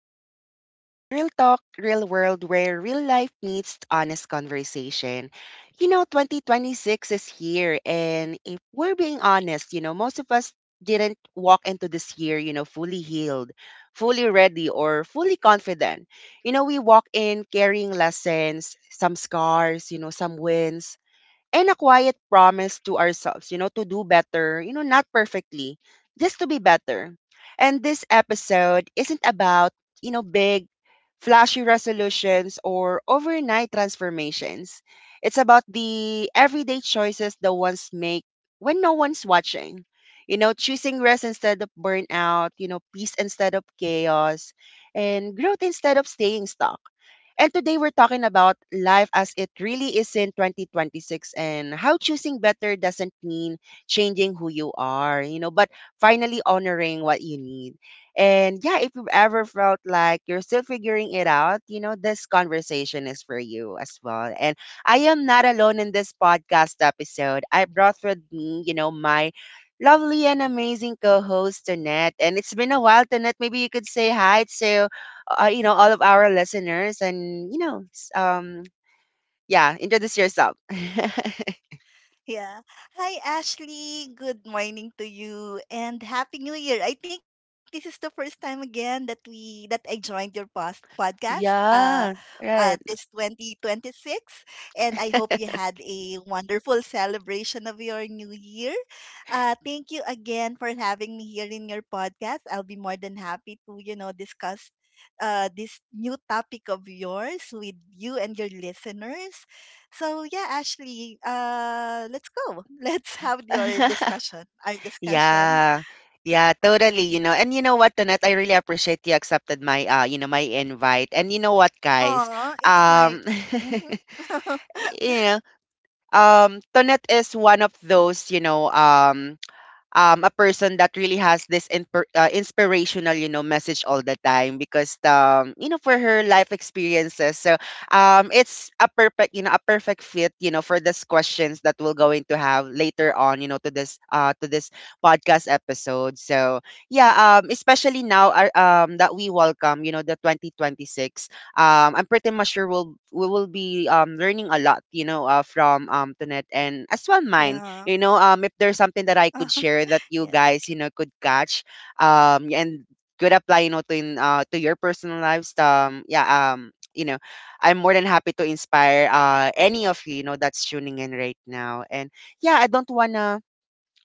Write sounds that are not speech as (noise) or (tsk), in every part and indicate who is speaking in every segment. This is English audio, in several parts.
Speaker 1: this is again Real Talk, Real World, where real life meets honest conversation. 2026 is here. And if we're being honest, most of us didn't walk into this year, fully healed, fully ready, or fully confident. We walk in carrying lessons, some scars, some wins, and a quiet promise to ourselves, to do better, not perfectly, just to be better. And this episode isn't about, big, flashy resolutions or overnight transformations. It's about the everyday choices the ones make when no one's watching. Choosing rest instead of burnout, peace instead of chaos, and growth instead of staying stuck. And today we're talking about life as it really is in 2026, and how choosing better doesn't mean changing who you are, but finally honoring what you need. And yeah, if you've ever felt like you're still figuring it out, this conversation is for you as well. And I am not alone in this podcast episode. I brought with me, my lovely and amazing co-host Tonette. And it's been a while, Tonette. Maybe you could say hi to all of our listeners, and yeah, introduce yourself. (laughs)
Speaker 2: Yeah. Hi, Ashley. Good morning to you and Happy New Year. I think this is the first time again that we that I joined your podcast
Speaker 1: Yeah. Right.
Speaker 2: this 2026, and I hope you had a wonderful celebration of your new year. Thank you again for having me here in your podcast. I'll be more than happy to discuss this new topic of yours with you and your listeners. So yeah, Ashley, let's go. (laughs) Let's have your
Speaker 1: (laughs)
Speaker 2: discussion. Our discussion.
Speaker 1: Yeah, yeah, totally. You know what, Tonette, I really appreciate you accepted my my invite. And you know what, guys?
Speaker 2: Aw, it's my.
Speaker 1: Um.
Speaker 2: Mm-hmm. (laughs)
Speaker 1: (laughs) you know Tonette is one of those, a person that really has this inspirational, message all the time because, for her life experiences. So it's a perfect fit, for this questions that we're going to have later on, to this podcast episode. So yeah, especially now, that we welcome, the 2026. I'm pretty much sure we will be learning a lot, from Tunet, and as well mine.
Speaker 2: Yeah.
Speaker 1: If there's something that I could share that
Speaker 2: (laughs)
Speaker 1: you
Speaker 2: Yes.
Speaker 1: guys, could catch, and could apply, to your personal lives. Yeah. um you know I'm more than happy to inspire any of you you know that's tuning in right now. And yeah, I don't wanna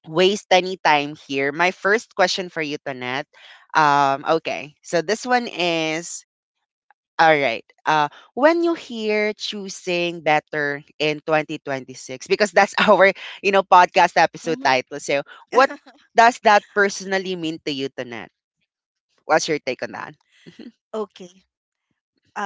Speaker 1: waste any time here. My first question for you, Tonette. Okay, so this one is, all right, when you hear choosing better in 2026, because that's (laughs) our podcast
Speaker 2: Mm-hmm.
Speaker 1: episode title. So, what does that personally mean to you, Tonette? What's your take on that?
Speaker 2: (laughs) Okay. Uh,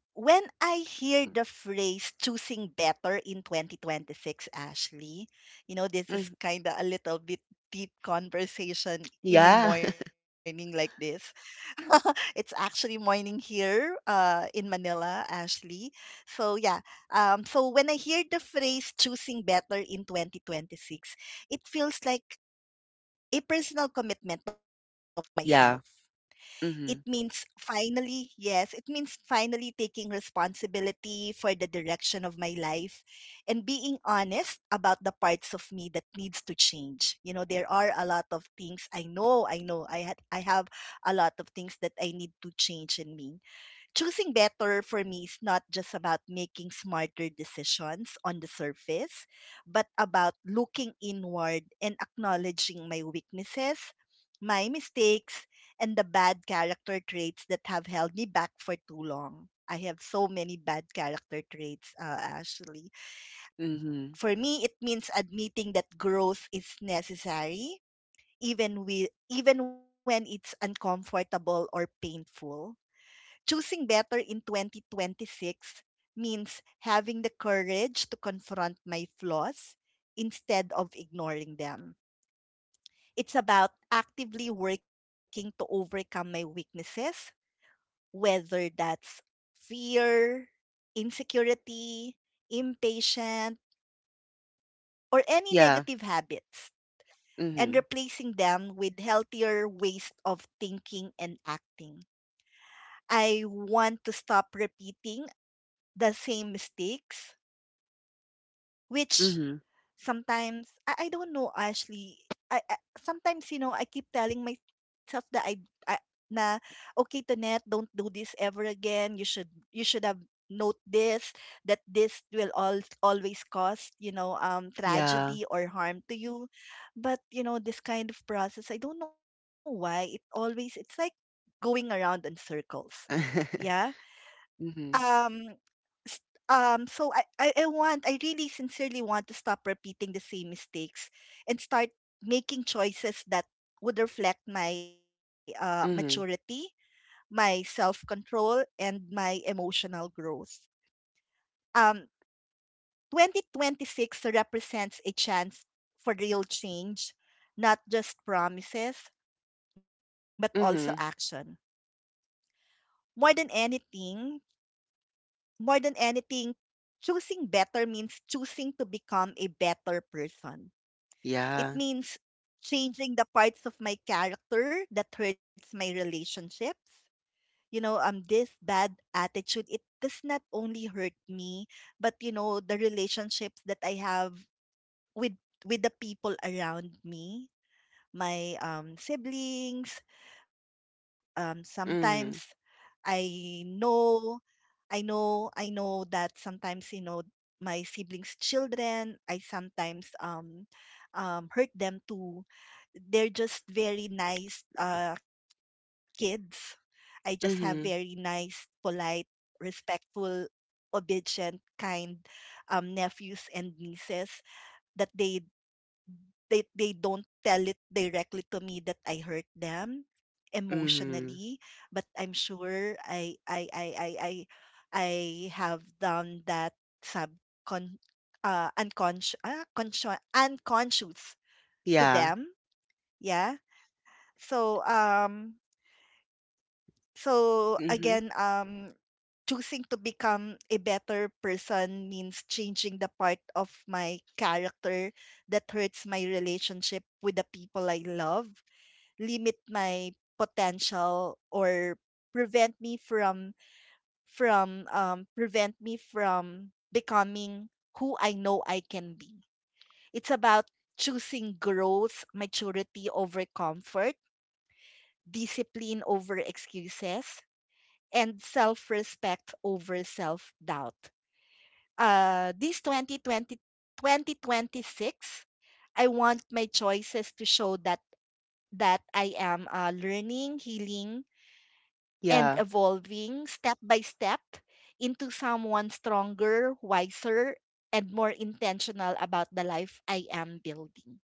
Speaker 2: when I hear the phrase choosing better in 2026, Ashley, you know, this
Speaker 1: Mm,
Speaker 2: is kind of a little bit deep conversation in a
Speaker 1: yeah.
Speaker 2: morning like this. (laughs) It's actually morning here in Manila, Ashley. So, yeah. So, when I hear the phrase choosing better in 2026, it feels like a personal commitment to myself.
Speaker 1: (laughs) Yeah,
Speaker 2: It means
Speaker 1: mm-hmm.
Speaker 2: finally, yes, it means finally taking responsibility for the direction of my life and being honest about the parts of me that needs to change. You know, there are a lot of things I know I have a lot of things that I need to change in me. Choosing better for me is not just about making smarter decisions on the surface, but about looking inward and acknowledging my weaknesses, my mistakes, and the bad character traits that have held me back for too long. I have so many bad character traits, actually.
Speaker 1: Hmm,
Speaker 2: For me, it means admitting that growth is necessary, even when it's uncomfortable or painful. Choosing better in 2026 means having the courage to confront my flaws instead of ignoring them. It's about actively working to overcome my weaknesses, whether that's fear, insecurity, impatient, or any
Speaker 1: yeah.
Speaker 2: negative habits, and
Speaker 1: Hmm,
Speaker 2: replacing them with healthier ways of thinking and acting. I want to stop repeating the same mistakes, which
Speaker 1: hmm,
Speaker 2: sometimes I don't know, Ashley. I sometimes, you know, I keep telling myself that I na okay, Tonet, don't do this ever again. You should have note this, that this will all always cause,
Speaker 1: yeah.
Speaker 2: tragedy or harm to you, but you know this kind of process, I don't know why, it's like going around in circles. Yeah.
Speaker 1: (laughs) Hmm,
Speaker 2: um s- so, I want, I really sincerely want to stop repeating the same mistakes and start making choices that would reflect my maturity,
Speaker 1: hmm,
Speaker 2: my self-control, and my emotional growth. um 2026 represents a chance for real change, not just promises but also
Speaker 1: hmm,
Speaker 2: action. more than anything More than anything, choosing better means choosing to become a better person.
Speaker 1: yeah.
Speaker 2: It means changing the parts of my character that hurts my relationships. You know, this bad attitude, it does not only hurt me, but, you know, the relationships that I have with the people around me, my siblings, sometimes.
Speaker 1: Hmm,
Speaker 2: I know I know that sometimes, you know, my siblings' children, I sometimes hurt them too. They're just very nice kids. I just have very
Speaker 1: hmm,
Speaker 2: nice, polite, respectful, obedient, kind, nephews and nieces that they don't tell it directly to me that I hurt them
Speaker 1: hmm,
Speaker 2: emotionally, but I'm sure I have done that subcon unconscious to
Speaker 1: yeah.
Speaker 2: them. Yeah. So so
Speaker 1: Hmm,
Speaker 2: again choosing to become a better person means changing the part of my character that hurts my relationship with the people I love, limit my potential, or prevent me from prevent me from becoming who I know I can be. It's about choosing growth, maturity over comfort, discipline over excuses, and self-respect over self-doubt. This 2026, I want my choices to show that, I am, learning, healing, and
Speaker 1: yeah.
Speaker 2: evolving step by step into someone stronger, wiser, and more intentional about the life I am building.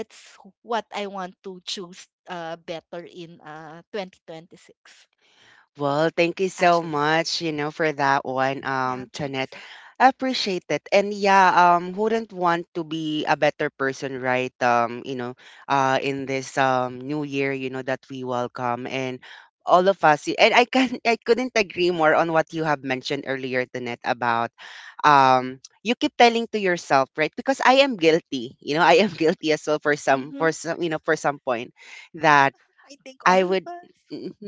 Speaker 2: That's what I want to choose, better in, 2026.
Speaker 1: Well, thank you so
Speaker 2: Ashley.
Speaker 1: much, for that one,
Speaker 2: Yeah,
Speaker 1: Jeanette.
Speaker 2: thanks.
Speaker 1: I appreciate it. And yeah, wouldn't want to be a better person, right? In this new year, that we welcome, and all of us. And I couldn't agree more on what you have mentioned earlier, Jeanette, about you keep telling to yourself, right? Because I am guilty, I am (laughs) guilty as well
Speaker 2: Mm-hmm.
Speaker 1: for some point
Speaker 2: I,
Speaker 1: that
Speaker 2: I think all
Speaker 1: I
Speaker 2: of
Speaker 1: would,
Speaker 2: us.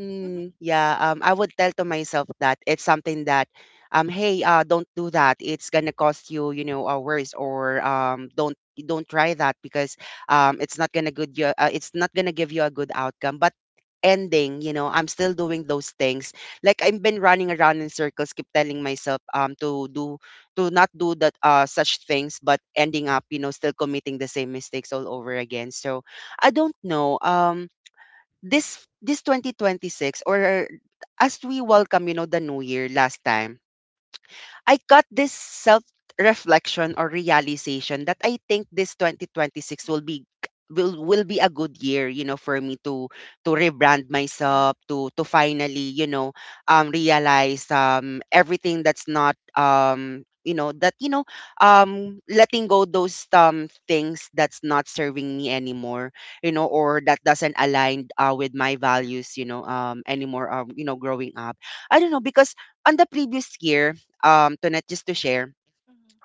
Speaker 2: Hmm.
Speaker 1: yeah, I would tell to myself that it's something that, hey, don't do that. It's gonna cost you, worse, or don't try that, because it's not gonna give you a good outcome. But ending, I'm still doing those things. Like I've been running around in circles, keep telling myself to not do that such things, but ending up, still committing the same mistakes all over again. So I don't know. This 2026, or as we welcome, the new year last time, I got this self reflection or realization that I think this 2026 will be,
Speaker 2: Mm-hmm.
Speaker 1: will be a good year, for me to,
Speaker 2: Hmm.
Speaker 1: rebrand
Speaker 2: Yeah.
Speaker 1: myself, to finally, realize, um, everything that's not you know that you know letting go those things that's not serving me anymore, or that doesn't align, with my values, anymore, growing up. I don't know, because on the previous year, Tonette, just to share,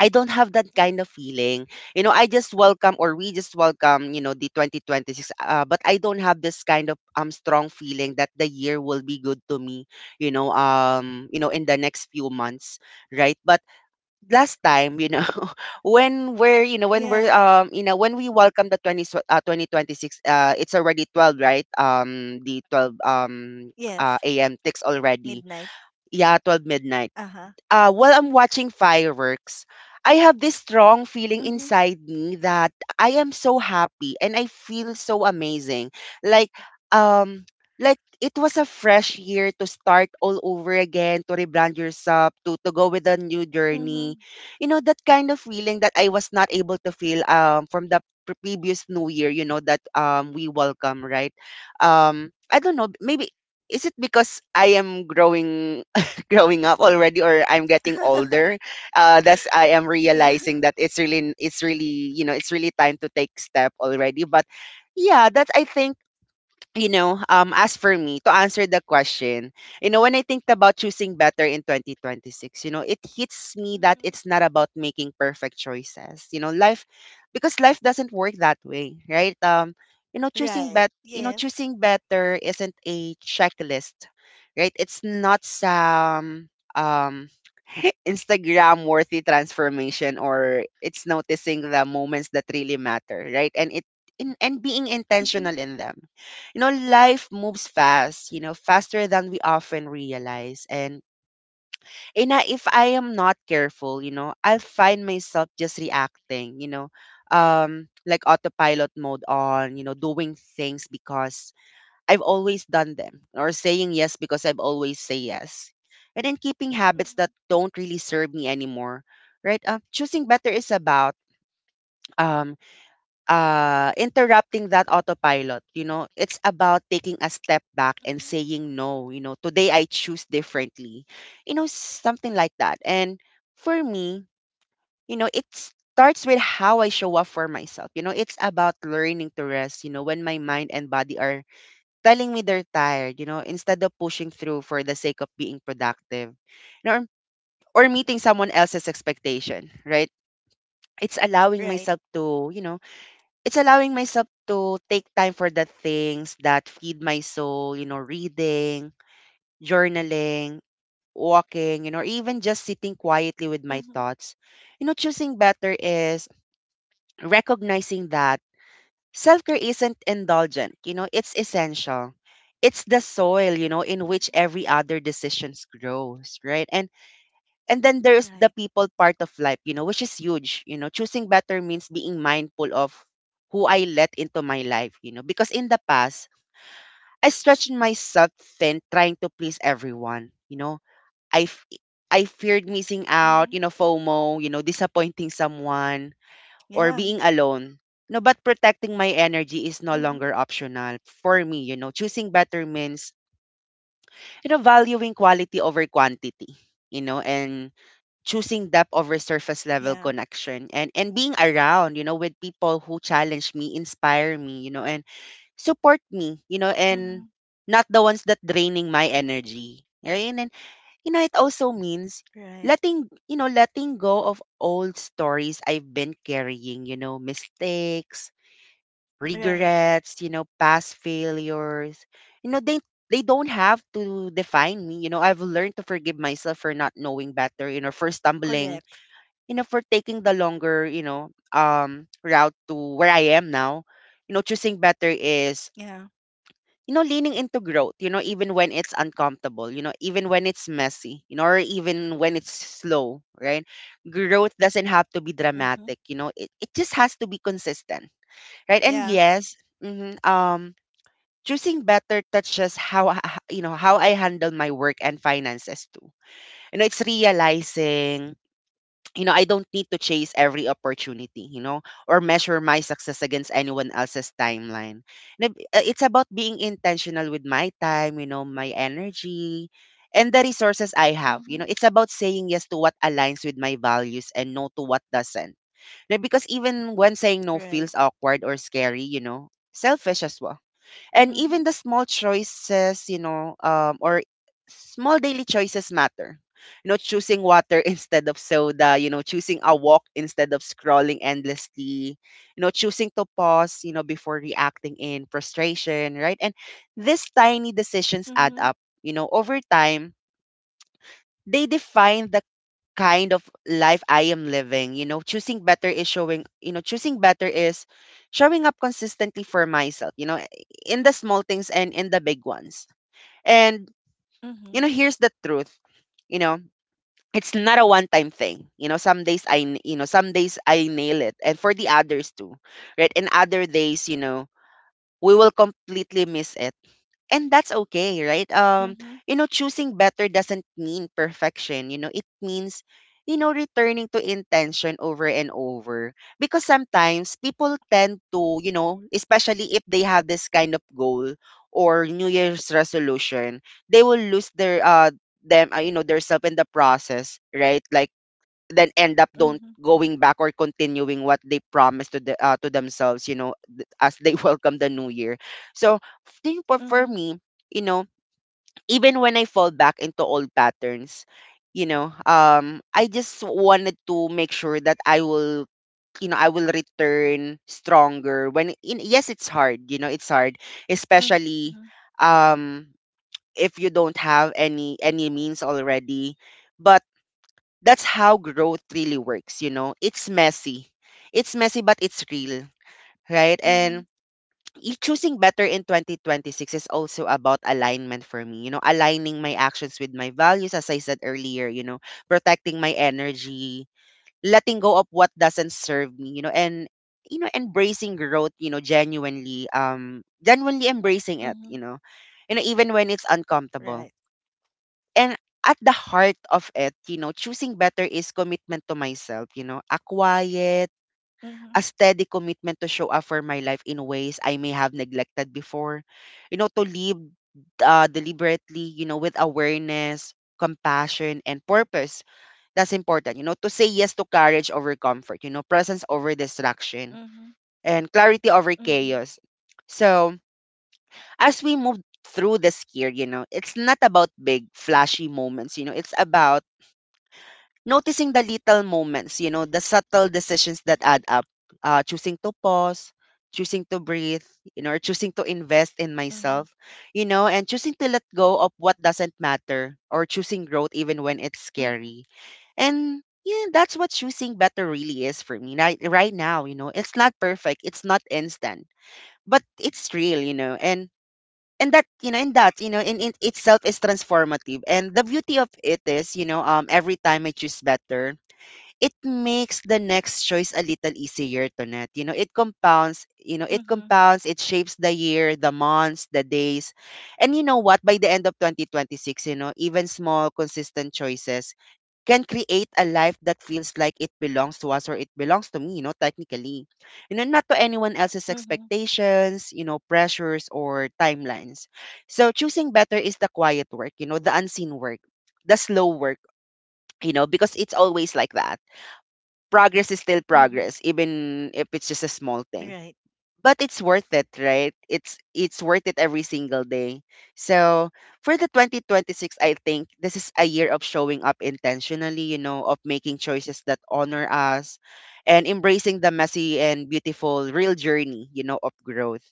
Speaker 1: I don't have that kind of
Speaker 2: Mm-hmm.
Speaker 1: feeling. I just welcome or we just welcome, the 2026. But I don't have this kind of strong feeling that the year will be good to me, in the next few months, right? But last time, (laughs)
Speaker 2: Yeah.
Speaker 1: when we welcome the 20, 2026, it's already 12, right? The 12
Speaker 2: Yes.
Speaker 1: a.m. ticks
Speaker 2: Midnight.
Speaker 1: already. Yeah, 12
Speaker 2: Uh
Speaker 1: midnight,
Speaker 2: huh.
Speaker 1: while I'm watching fireworks, I have this strong feeling
Speaker 2: Mm-hmm.
Speaker 1: inside me that I am so happy and I feel so amazing. Like, um like it was a fresh year to start all over again, to rebrand yourself, to go with a new
Speaker 2: Mm-hmm.
Speaker 1: journey. You know that kind of feeling that I was not able to feel, from the previous new year, you know, that we welcome, right? I don't know, maybe is it because I am growing (laughs) growing up already, or I'm getting
Speaker 2: (laughs)
Speaker 1: older, that's I am
Speaker 2: Yeah.
Speaker 1: realizing that it's really time to take step already. But yeah, that's I think, as for me, to answer the question, when I think about choosing better in 2026, it hits me that
Speaker 2: Mm-hmm.
Speaker 1: it's not about making perfect choices. Because life doesn't work that way, right?
Speaker 2: Right. Yes.
Speaker 1: Choosing better isn't a checklist, right? It's not some um (laughs) Instagram worthy transformation, or it's noticing the moments that really matter, right? And being
Speaker 2: Mhm.
Speaker 1: intentional in them. Life moves fast, faster than we often realize. And if I am not careful, I'll find myself just reacting, like autopilot mode on, doing things because I've always done them, or saying yes because I've always say yes, and then keeping habits that
Speaker 2: Mhm.
Speaker 1: don't really serve me anymore, right? Choosing better is about, um interrupting that autopilot. It's about taking a step
Speaker 2: Mhm.
Speaker 1: back and saying no. Today I choose differently. Something like that. And for me, it starts with how I show up for myself. It's about learning to rest, when my mind and body are telling me they're tired. Instead of pushing through for the sake of being productive, you know, or meeting
Speaker 2: Mhm.
Speaker 1: someone else's expectation. Right? It's allowing myself
Speaker 2: Right.
Speaker 1: to, you know it's allowing myself to take time for the things that feed my soul, reading, journaling, walking, or even just sitting quietly with my
Speaker 2: Mhm.
Speaker 1: thoughts. Choosing better is recognizing that self-care isn't indulgent, it's essential. It's the soil, in
Speaker 2: Mhm.
Speaker 1: which every other decisions grows, right? And then there's
Speaker 2: Right.
Speaker 1: the people part of life, which is huge. Choosing better means being mindful of who I let into my life, because in the past I stretched myself thin trying to please everyone. I f- I feared
Speaker 2: Mhm.
Speaker 1: missing out, FOMO, disappointing someone,
Speaker 2: Yeah.
Speaker 1: or being alone. No, but protecting my energy
Speaker 2: Mhm.
Speaker 1: is no longer optional for me. Choosing better means, valuing quality over quantity, and choosing depth
Speaker 2: Yeah.
Speaker 1: over surface level connection, and being around, with people who challenge me, inspire me, and support me,
Speaker 2: Mhm.
Speaker 1: and not the ones that draining my energy, right? And it also
Speaker 2: Right.
Speaker 1: means, letting you know letting go of old stories I've been carrying, mistakes,
Speaker 2: Right.
Speaker 1: regrets, past failures. you know they they don't have to define me. I've learned to forgive myself for not knowing better, for
Speaker 2: Correct.
Speaker 1: stumbling, for taking the longer, route to where I am now. Choosing better
Speaker 2: Yeah.
Speaker 1: is, leaning into growth, even when it's uncomfortable, even when it's messy, or even when it's slow, right? Growth doesn't have to be
Speaker 2: Mhm.
Speaker 1: dramatic, you know, it just has to be consistent,
Speaker 2: Yeah.
Speaker 1: right? And yes, mhm, choosing better touches you know, how I handle my work and finances too. You know, it's realizing you know, I don't need to chase every opportunity, you know, or measure my success against anyone else's timeline. And it's about being intentional with my time, you know, my energy and the resources I have.
Speaker 2: Mhm.
Speaker 1: You know, it's about saying yes to what aligns with my values and no to what doesn't. Now, because even when saying no
Speaker 2: Right.
Speaker 1: feels awkward or scary, you know, selfish as well, and
Speaker 2: Mhm.
Speaker 1: even the small choices, you know, or small daily choices matter, you know, choosing water (laughs) instead of soda, you know, choosing a walk instead of scrolling endlessly, you know, choosing to pause, you know, before reacting in frustration, right? And these tiny
Speaker 2: Mhm.
Speaker 1: decisions add up, you know, over time, they define the kind of life I am living. You know, choosing better is showing, you know, choosing better is showing up consistently for myself, you know, in the small things and in the big ones. And,
Speaker 2: Mhm.
Speaker 1: you know, here's the truth, you know, it's not a one time thing. You know, some days I nail it and for the others too, right? And other days, you know, we will completely miss it, and that's okay, right?
Speaker 2: Mhm.
Speaker 1: You know, choosing better doesn't mean perfection, you know, it means, you know, returning to intention over and over, because sometimes people tend to, you know, especially if they have this kind of goal or new year's resolution, they will lose their them you know, their self in the process, right? Like then end up don't
Speaker 2: Mhm.
Speaker 1: going back or continuing what they promised to the to themselves, you know, as they (laughs) welcome the new year. So think for me,
Speaker 2: Mhm.
Speaker 1: you know, even when I fall back into old patterns, you know, I just wanted to make sure that I will, you know, I will return stronger yes, it's hard, you know, it's hard, especially,
Speaker 2: Mhm.
Speaker 1: um if you don't have any means already. That's how growth really works, you know. It's messy, it's messy, but it's real, right? And
Speaker 2: Mhm.
Speaker 1: choosing better in 2026 is also about alignment for me, you know, aligning my actions with my values as I said earlier, you know, protecting my energy, letting go of what doesn't serve me, you know, and you know, embracing growth, you know, genuinely, genuinely embracing it,
Speaker 2: Mhm.
Speaker 1: you know, you know, even when it's uncomfortable.
Speaker 2: Right.
Speaker 1: And at the heart of it, you know, choosing better is commitment to myself, you know, a quiet, a
Speaker 2: Mhm.
Speaker 1: steady commitment to show up for my life in ways I may have neglected before, you know, to live deliberately, you know, with awareness, compassion, and purpose. That's important, you know, to say yes to courage over comfort, you know, presence over distraction,
Speaker 2: Mhm.
Speaker 1: and clarity over
Speaker 2: Mhm.
Speaker 1: chaos. So, as we move through this year, you know, it's not about big, flashy moments, you know, it's about noticing the little moments, you know, the subtle decisions that add up, choosing to pause, choosing to breathe, you know, or choosing to invest in
Speaker 2: Mhm.
Speaker 1: myself, you know, and choosing to let go of what doesn't matter, or choosing growth even when it's
Speaker 2: Mhm.
Speaker 1: scary. And yeah, that's what choosing better really is for me right now, you know. It's not perfect, it's not instant, but it's real, you know, and that you know and that you know in itself is transformative. And the beauty of it is, you know, every time I choose better, it makes the next choice a little easier to net. You know, it compounds, you know, it
Speaker 2: Mhm.
Speaker 1: compounds, it shapes the year, the months, the days. And you know what? By the end of 2026, you know, even small, consistent choices can create a life that feels like it belongs to us, or it belongs to me, you know, technically. You know, not to anyone else's
Speaker 2: Mhm.
Speaker 1: expectations, you know, pressures or timelines. So choosing better is the quiet work, you know, the unseen work, the slow work, you know, because it's always like that. Progress is still
Speaker 2: Mhm.
Speaker 1: progress, even if it's just a small thing.
Speaker 2: Right.
Speaker 1: But it's worth it, right? It's worth it every single day. So for the 2026, I think this is a year of showing up intentionally, you know, of making choices that honor us and embracing the messy and beautiful real journey, you know, of growth.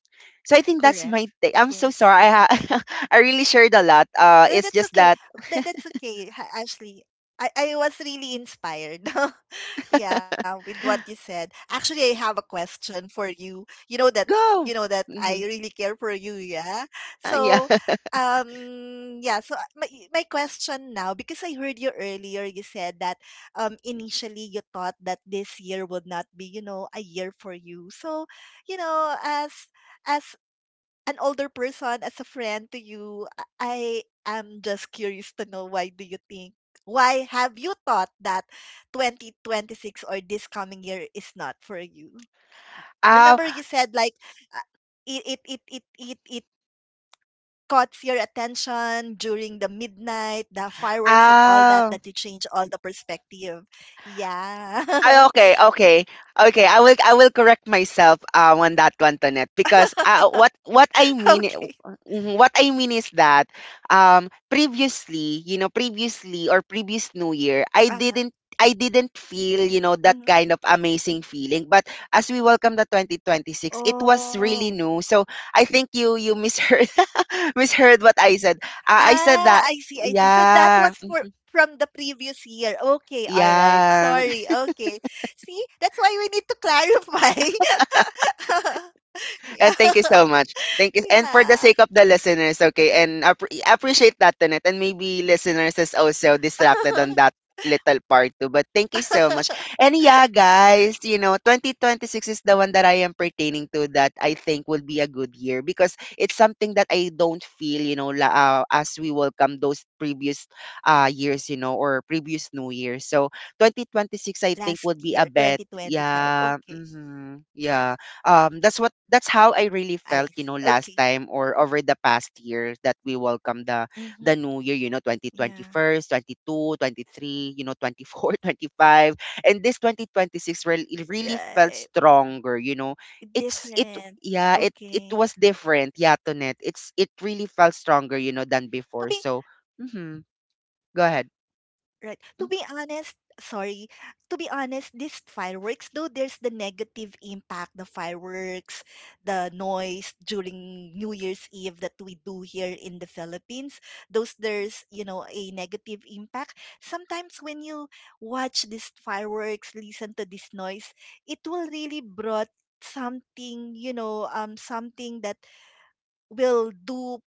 Speaker 1: So I think that's my
Speaker 2: Correct.
Speaker 1: take. I'm so
Speaker 2: Yes.
Speaker 1: sorry. (laughs) I really shared a lot. It's
Speaker 2: That's
Speaker 1: just
Speaker 2: okay.
Speaker 1: that
Speaker 2: That's okay, Ashley. I was really inspired. (laughs) Yeah, with what you said. Actually, I have a question for you. You
Speaker 1: go.
Speaker 2: know that I
Speaker 1: Hmm,
Speaker 2: really care for you, yeah.
Speaker 1: yeah.
Speaker 2: So,
Speaker 1: (laughs)
Speaker 2: yeah, so my question now, because I heard you earlier, you said that initially you thought that this year would not be, you know, a year for you. So, you know, as an older person, as a friend to you, I am just curious to know, why do you think, why have you thought that 2026 or this coming year is not for you?
Speaker 1: Ow,
Speaker 2: Remember you said like uh, it caught your attention during the midnight, the fireworks and all that,
Speaker 1: ow.
Speaker 2: that you change all the perspective.
Speaker 1: Ah,
Speaker 2: Yeah.
Speaker 1: okay, okay, okay. I will correct myself on that one, Tonette, because what I mean,
Speaker 2: (laughs) Okay.
Speaker 1: mhm, what I mean is that previously, you know, previously or previous New
Speaker 2: Uh-huh.
Speaker 1: Year, I didn't feel, you
Speaker 2: Hmm.
Speaker 1: know, that kind of amazing feeling. But as we welcome the 2026, it was
Speaker 2: Oh.
Speaker 1: really new. So I think you misheard (laughs) misheard what I said. I
Speaker 2: Ah,
Speaker 1: said
Speaker 2: I
Speaker 1: that,
Speaker 2: see, I see. So that was
Speaker 1: yeah,
Speaker 2: for from the previous year. Okay, all right.
Speaker 1: yeah.
Speaker 2: Sorry. Okay. See, that's why we need to clarify. (laughs) Yeah.
Speaker 1: And thank you so much. Thank
Speaker 2: (laughs)
Speaker 1: you. And for the
Speaker 2: Yeah.
Speaker 1: sake of the listeners, okay, and appreciate that tonight. And maybe listeners is also distracted on that
Speaker 2: (laughs)
Speaker 1: little part too. But thank you so much. And yeah, guys, you know, 2026 is the one that I am pertaining to that I think will be a good year, because it's something that I don't feel, you know, as we welcome those previous years, you know, or previous new year. So
Speaker 2: Last year,
Speaker 1: 2026, I think, would
Speaker 2: 2025.
Speaker 1: be a
Speaker 2: Okay.
Speaker 1: bet. Yeah. Hmm, yeah. That's what,
Speaker 2: I
Speaker 1: that's how
Speaker 2: see.
Speaker 1: I really
Speaker 2: Okay.
Speaker 1: felt, you know, last time or over the past years that we
Speaker 2: Mhm.
Speaker 1: welcome the new year,
Speaker 2: Yeah.
Speaker 1: you know, 2021, 22, 23, you know, (laughs) 24, twenty five. And this 2026 really, it
Speaker 2: Right.
Speaker 1: really felt stronger, you know. It's
Speaker 2: Different.
Speaker 1: it yeah, it
Speaker 2: Okay.
Speaker 1: it was different, yeah, Tonet. It's it really felt stronger, you know, than
Speaker 2: To be
Speaker 1: before. So, mhm. Go ahead.
Speaker 2: Right. To be
Speaker 1: Mm.
Speaker 2: honest, sorry. To be honest, these fireworks, though there's the negative impact, the fireworks, the noise during New Year's Eve that we do here in the Philippines, those, there's, you know, a negative impact. Sometimes when you watch these fireworks, listen to this noise, it will really brought something, you know, something that will do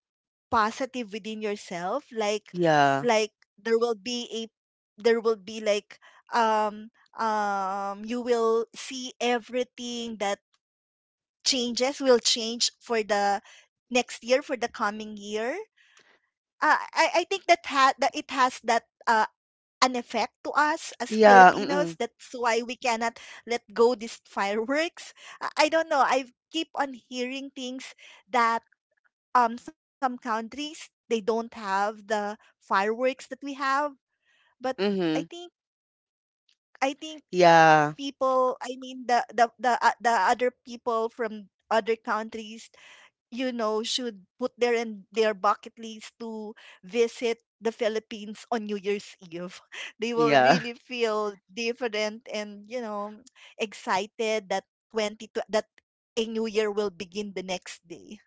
Speaker 2: positive within yourself, like
Speaker 1: Yeah.
Speaker 2: like there will be a, there will be like, um you will see everything that changes will change for the next year, for the coming year. I think that that it has that, an effect to us as
Speaker 1: Yeah.
Speaker 2: Filipinos.
Speaker 1: Mm-mm.
Speaker 2: That's why we cannot let go these fireworks. I don't know. I keep on hearing things that some countries, they don't have the fireworks that we have, but i
Speaker 1: Mm-hmm.
Speaker 2: think I think
Speaker 1: Yeah.
Speaker 2: people, I mean the other people from other countries, you know, should put their in their bucket list to visit the Philippines on New Year's Eve. (laughs) They will
Speaker 1: Yeah.
Speaker 2: really feel different, and you know (tsk) excited that that a new year will begin the next day.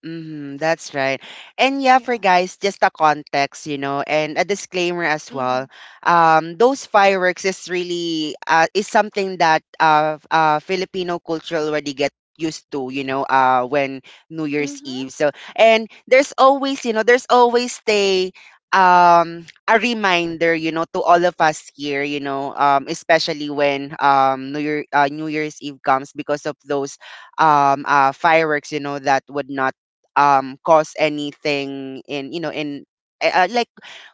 Speaker 1: Mm-hmm, that's right. And yeah, for
Speaker 2: Yeah.
Speaker 1: guys, just a context, you know, and a disclaimer as well.
Speaker 2: Mhm.
Speaker 1: Those fireworks is really is something that Filipino culture already get used to, you know, uh, when New Year's Eve.
Speaker 2: Mhm.
Speaker 1: So, and there's always, you know, there's always a reminder, you know, to all of us here, you know, especially when New Year's Eve comes because of those fireworks, you know, that would not cause anything in, you know, in like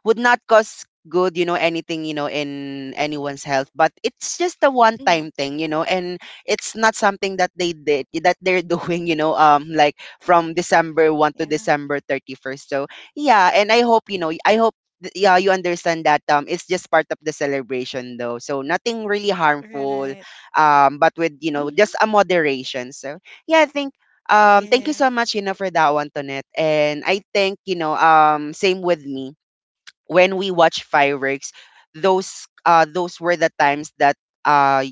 Speaker 1: would not cause good, you know, anything, you know, in anyone's health, but it's just a one
Speaker 2: Mm.
Speaker 1: time thing, you know. And it's not something that they did, that they're (laughs) doing, you know, like from december 1 to
Speaker 2: Yeah.
Speaker 1: december 31st. So yeah, and I hope, you know, I hope, yeah, you understand that, it's just part of the celebration though, so nothing really harmful,
Speaker 2: Right.
Speaker 1: but with, you know,
Speaker 2: Mm-hmm.
Speaker 1: just a moderation. So yeah, thank, thank you so
Speaker 2: Yes.
Speaker 1: much, you know, for that one, Tonette. And I think, you know, same with me. When we watch fireworks, those were the times that uh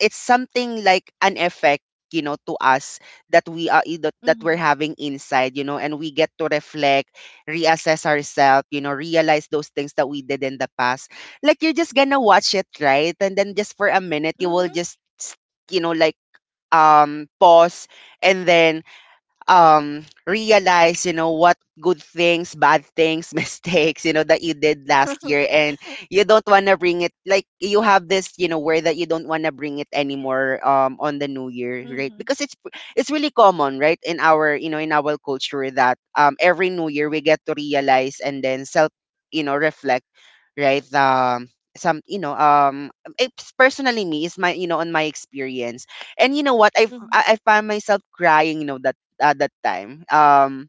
Speaker 1: it's something like an effect, you know, to us, that
Speaker 2: Mm-hmm.
Speaker 1: we're having inside, you know, and we get to reflect, reassess ourselves, you know, realize those things that we did in the past. Like you're just gonna watch it, right? And then just for a minute, you will
Speaker 2: Mm-hmm.
Speaker 1: just you know like pause and then realize, what good things, bad things, (laughs) mistakes, that you did last
Speaker 2: (laughs)
Speaker 1: year, and you don't want to bring it. Like you have this, where that you don't want to bring it anymore on the new year, right?
Speaker 2: Mm-hmm.
Speaker 1: Because it's really common, right, in our, in our culture, that every new year we get to realize and then self, reflect, right? Some, it's personally me, is my, on my experience. And
Speaker 2: Mm-hmm.
Speaker 1: I found myself crying, that that time,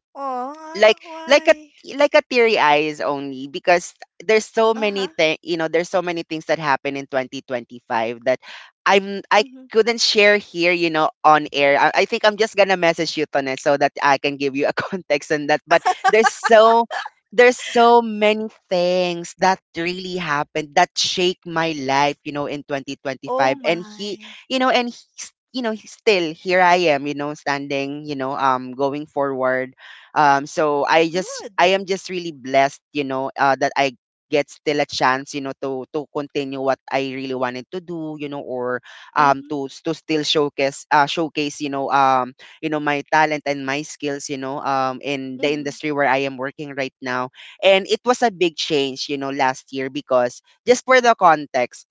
Speaker 1: like
Speaker 2: Oh,
Speaker 1: like a,
Speaker 2: why?
Speaker 1: like a teary eyes, only because there's so many
Speaker 2: Uh-huh.
Speaker 1: things, there's so many things that happen in 2025, that I
Speaker 2: Mm-hmm.
Speaker 1: couldn't share here, on air. I think I'm just gonna message you on it so that I can give you a (laughs) context on that. But there's so there's so many things that really happened that shake my life, in 2025.
Speaker 2: Oh
Speaker 1: And he,
Speaker 2: my.
Speaker 1: and he's, he's still here. I am, standing, going forward. So
Speaker 2: Good.
Speaker 1: I am just really blessed, that I get still a chance, to continue what I really wanted to do, or
Speaker 2: Mm-hmm.
Speaker 1: to still showcase, my talent and my skills, in the
Speaker 2: Mm-hmm.
Speaker 1: industry where I am working right now. And it was a big change, last year, because, just for the context,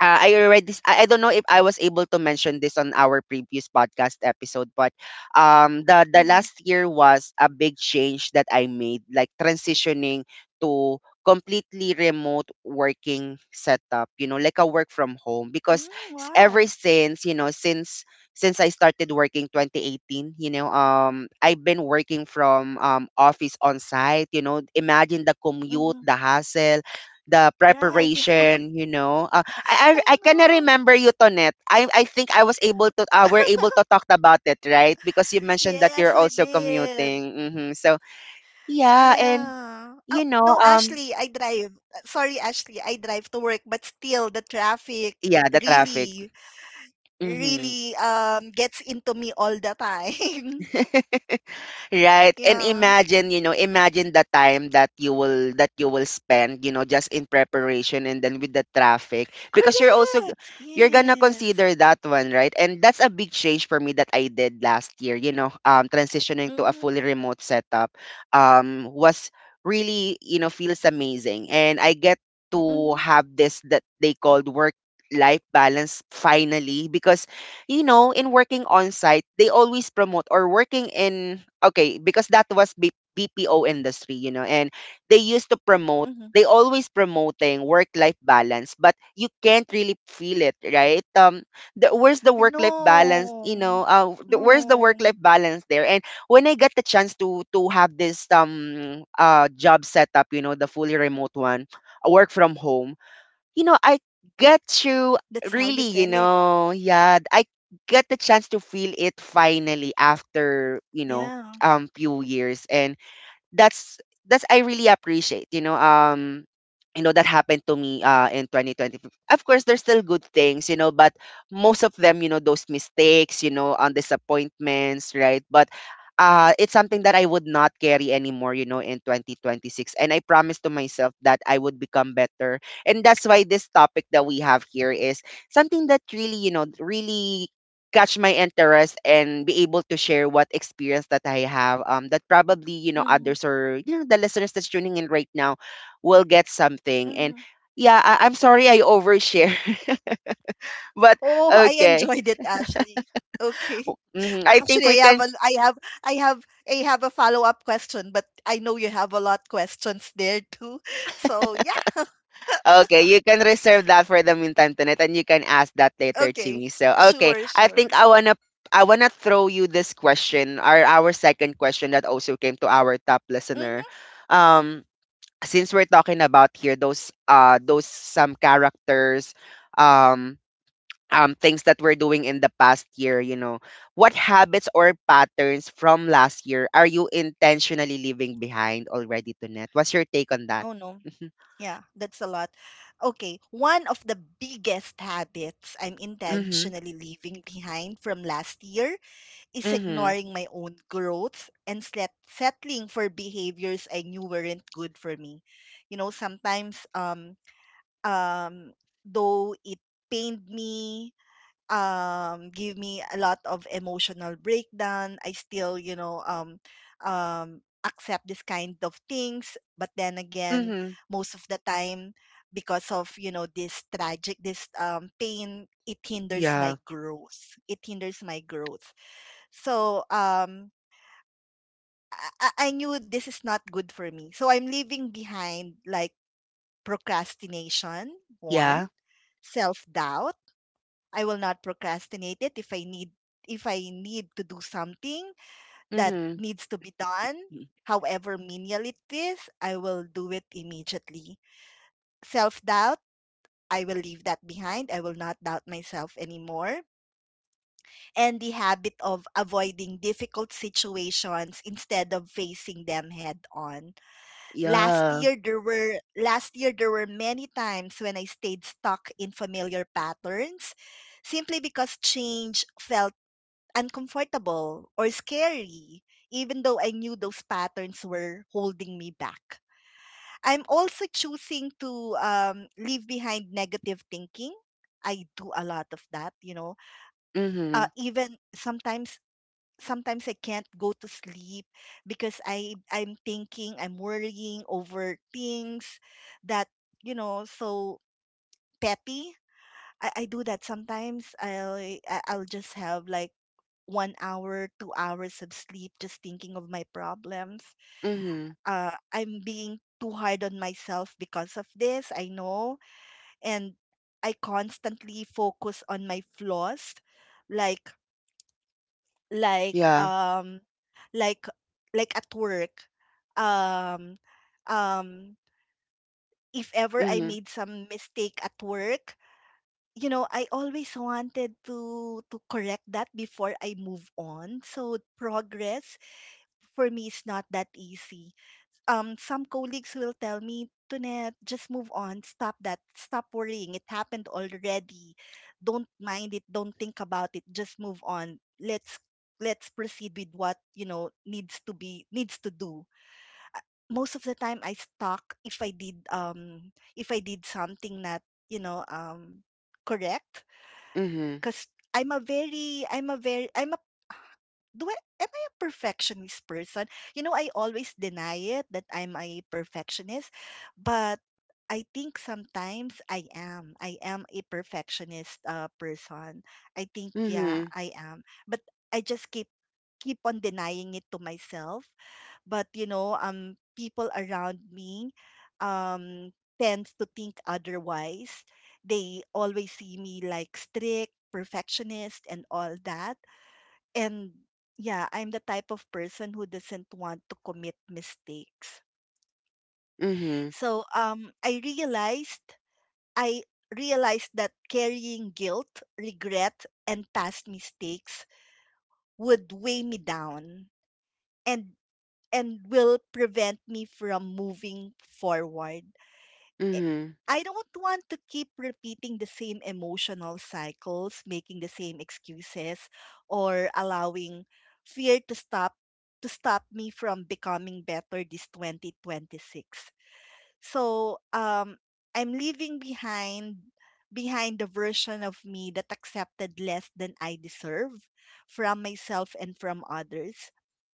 Speaker 1: I don't know if I was able to mention this on our previous podcast episode, but the
Speaker 2: Mm-hmm.
Speaker 1: last year was a big change that I made, like transitioning to completely remote working setup, you know, like a work from home.
Speaker 2: Mm,
Speaker 1: Because
Speaker 2: wow.
Speaker 1: ever since, you know, since I started working 2018, you know, I've been working from office on site, you know. Imagine the
Speaker 2: Mm-hmm.
Speaker 1: commute, the hassle, the
Speaker 2: Right. (laughs)
Speaker 1: preparation, you know.
Speaker 2: I
Speaker 1: I kind
Speaker 2: know.
Speaker 1: remember you, Tonet. I think I was able to we're able to talk about it, right? Because you mentioned that you're
Speaker 2: Yes, we
Speaker 1: also
Speaker 2: did.
Speaker 1: commuting. So yeah, and
Speaker 2: Yeah. Oh,
Speaker 1: you
Speaker 2: no,
Speaker 1: know,
Speaker 2: Ashley, I drive. Sorry, Ashley, I drive to work, but still the traffic
Speaker 1: yeah, the traffic.
Speaker 2: really,
Speaker 1: hmm
Speaker 2: really gets into me all the time. (laughs)
Speaker 1: (laughs) right, and
Speaker 2: Yeah.
Speaker 1: imagine, you know, imagine the time that you will spend, you know, just in preparation and then with the traffic, because you're
Speaker 2: Correct.
Speaker 1: you're gonna
Speaker 2: Yes.
Speaker 1: consider that one, right? And that's a big change for me that I did last year, you know, transitioning to a
Speaker 2: Mhm.
Speaker 1: fully remote setup, was really, you know, feels amazing. And I get to
Speaker 2: Mhm.
Speaker 1: have this that they called work life balance finally, because, you know, in working on site, they always promote or working in okay, because that was BPO industry, you know, and they used to promote
Speaker 2: Mhm.
Speaker 1: they always promoting work life balance, but you can't really feel it, right? Where's the work life balance? You know,
Speaker 2: No.
Speaker 1: where's the work life
Speaker 2: No.
Speaker 1: balance there? And when I got the chance to have this job setup, you know, the fully remote one, work from home, you know, I get to
Speaker 2: That's how you
Speaker 1: really, you
Speaker 2: feel it.
Speaker 1: know, yeah, I get the chance to feel it finally after, you know,
Speaker 2: Yeah.
Speaker 1: few years. And that's that's I really appreciate, you know, that happened to me in 2020. Of course, there's still good things, you know, but most of them, you know, those mistakes, you know, on disappointments, right? But it's something that I would not carry anymore, you know, in 2026. And I promised to myself that I would become better. And that's why this topic that we have here is something that really, you know, really catch my interest and be able to share what experience that I have that probably, you know,
Speaker 2: Mhm.
Speaker 1: others or, you know, the listeners that's tuning in right now will get something. And
Speaker 2: Mhm.
Speaker 1: yeah, I'm sorry I overshare. (laughs) But
Speaker 2: Oh, I
Speaker 1: okay.
Speaker 2: enjoyed it, Ashley. Okay.
Speaker 1: I think
Speaker 2: Actually,
Speaker 1: we can.
Speaker 2: I have, I have a follow-up question, but I know you have a lot questions there too. (laughs) So yeah. (laughs)
Speaker 1: Okay, you can reserve that for the meantime tonight and you can ask that later to
Speaker 2: Okay.
Speaker 1: me. So okay,
Speaker 2: Sure.
Speaker 1: I
Speaker 2: Sure.
Speaker 1: think I wanna throw you this question or our second question that also came to our top listener.
Speaker 2: Mhm.
Speaker 1: um since we're talking about here those some characters, um things that we're doing in the past year, you know, what habits or patterns from last year are you intentionally leaving behind already, Tunette? What's your take on that?
Speaker 2: Oh no.
Speaker 1: Mhm.
Speaker 2: Yeah, that's a lot. Okay, one of the biggest habits I'm
Speaker 1: Mhm.
Speaker 2: intentionally leaving behind from last year is
Speaker 1: Mhm.
Speaker 2: ignoring my own growth and settling for behaviors I knew weren't good for me. You know, sometimes um though it pained me, give me a lot of emotional breakdown, I still, you know, accept this kind of things, but then again,
Speaker 1: Mhm.
Speaker 2: most of the time, because of, you know, this tragic, this pain, it hinders my
Speaker 1: Yeah.
Speaker 2: growth, so I knew this is not good for me, so I'm leaving behind, like, procrastination, one,
Speaker 1: Yeah.
Speaker 2: self doubt. I will not procrastinate it, if I need to do something that
Speaker 1: Mhm.
Speaker 2: needs to be done,
Speaker 1: y-
Speaker 2: however menial it is, I will do it immediately. Self-doubt, I will leave that behind. I will not doubt myself anymore. And the habit of avoiding difficult situations instead of facing them head on.
Speaker 1: yeah.
Speaker 2: Last year there were many times when I stayed stuck in familiar patterns simply because change felt uncomfortable or scary, even though I knew those patterns were holding me back. I'm also choosing to, leave behind negative thinking. I do a lot of that, you know.
Speaker 1: Mhm.
Speaker 2: Even sometimes, I can't go to sleep because I'm thinking, I'm worrying over things that, you know, so petty. I do that sometimes. I'll just have like 1 hour, 2 hours of sleep just thinking of my problems.
Speaker 1: Mhm.
Speaker 2: I'm being too hard on myself because of this, I know. And I constantly focus on my flaws, like, like,
Speaker 1: Yeah.
Speaker 2: um, like, like at work. Um, um, if ever I
Speaker 1: Mhm.
Speaker 2: made some mistake at work, I always wanted to correct that before I move on. So progress for me is not that easy. Some colleagues will tell me, Tunet, just move on. Stop that. Stop worrying. It happened already. Don't mind it. Don't think about it. Just move on. Let's proceed with what needs to do. Most of the time, I stuck if I did something not correct.
Speaker 1: Mhm.
Speaker 2: Because I'm a very I'm a very I'm a do I am I a perfectionist person? I always deny it that I'm a perfectionist, but I think sometimes I am. I am a perfectionist person. I think yeah,
Speaker 1: Mhm.
Speaker 2: I am. But I just keep on denying it to myself. But people around me um tends to think otherwise. They always see me like strict perfectionist and all that, and yeah, I'm the type of person who doesn't want to commit mistakes.
Speaker 1: Mhm.
Speaker 2: So I realized that carrying guilt, regret, and past mistakes would weigh me down, and and will prevent me from moving forward. eh,
Speaker 1: Mhm.
Speaker 2: I don't want to keep repeating the same emotional cycles, making the same excuses, or allowing fear to stop me from becoming better this 2026. So, I'm leaving behind the version of me that accepted less than I deserve from myself and from others.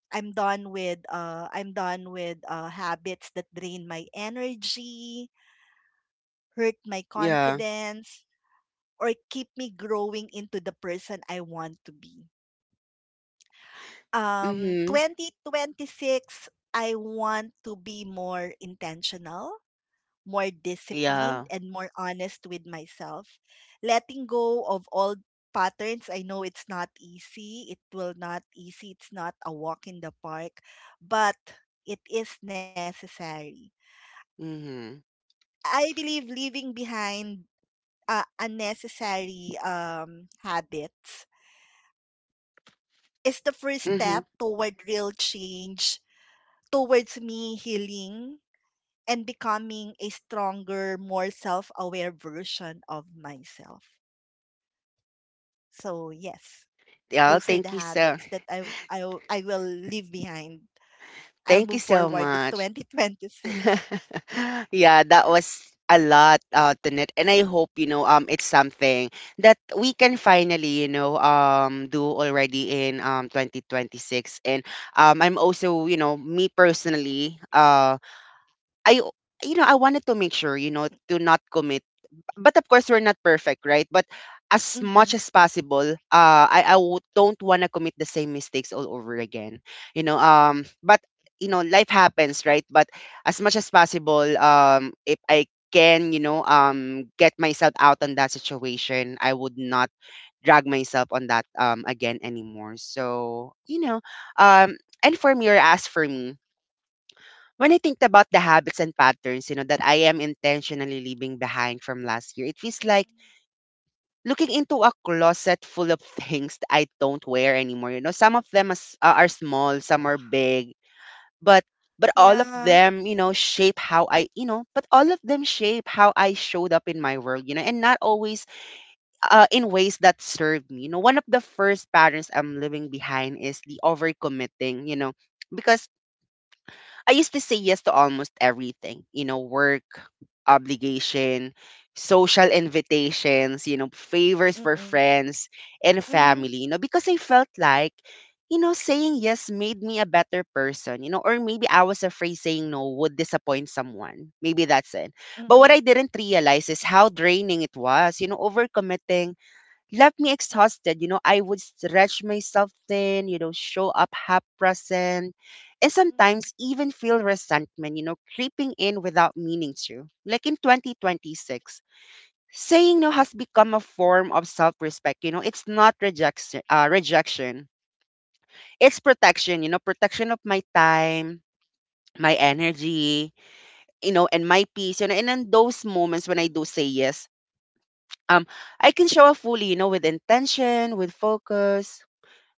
Speaker 2: I'm done with habits that drain my energy, hurt my
Speaker 1: Yeah.
Speaker 2: confidence, or keep me growing into the person I want to be.
Speaker 1: Mhm.
Speaker 2: 2026, I want to be more intentional, more
Speaker 1: Yeah.
Speaker 2: disciplined, and more honest with myself. Letting go of old patterns, I know it's not easy. It will not easy. It's not a walk in the park, but it is necessary.
Speaker 1: Mhm.
Speaker 2: I believe leaving behind unnecessary habits is the first
Speaker 1: Mhm.
Speaker 2: step toward real change, towards me healing and becoming a stronger, more self aware version of myself. So, yes,
Speaker 1: Yeah,
Speaker 2: those are the
Speaker 1: thank you so
Speaker 2: habits that I, I will leave behind. I'll
Speaker 1: Thank you
Speaker 2: move
Speaker 1: so
Speaker 2: forward this
Speaker 1: much. (laughs)
Speaker 2: 2026.
Speaker 1: Yeah, that was a lot to knit. And I hope, you know, it's something that we can finally, you know, do already in 2026. And I'm also, you know, me personally, I you know, I wanted to make sure, you know, to not commit, but of course we're not perfect, right? But as
Speaker 2: Mm-hmm.
Speaker 1: much as possible, don't want to commit the same mistakes all over again, you know, but, you know, life happens, right? But as much as possible, if I can, you know, get myself out on that situation, I would not drag myself on that again anymore. So, you know, um and for me or as for me, when I think about the habits and patterns, you know, that I am intentionally leaving behind from last year, it feels like
Speaker 2: Mm-hmm.
Speaker 1: looking into a closet full of (laughs) things that I don't wear anymore. You know, some of them are small, some
Speaker 2: Oh,
Speaker 1: are big, but all of
Speaker 2: yeah.
Speaker 1: them, you know, but all of them shape how I showed up in my world, you know, and not always in ways that served me. You know, one of the first patterns I'm living behind is the overcommitting, you know, because I used to say yes to almost everything, you know, work, obligation, social invitations, you know, favors for
Speaker 2: Mm-mm.
Speaker 1: friends and
Speaker 2: Mm-hmm.
Speaker 1: family, you know, because I felt like, you know, saying yes made me a better person, you know, or maybe I was afraid saying no would disappoint someone. Maybe that's it. But what
Speaker 2: Mm-hmm.
Speaker 1: I didn't realize is how draining it was, you know. Overcommitting left me exhausted. You know, I would stretch myself thin, you know, show up half present, and sometimes even feel resentment, you know, creeping in without meaning to. Like in 2026, saying no has become a form of self respect. You know, it's not rejection, it's protection, you know, protection of my time. My energy, you know, and my peace, you know, and in those moments when I do say
Speaker 2: Mm-hmm.
Speaker 1: yes, um, I can show up fully, you know, with intention, with focus,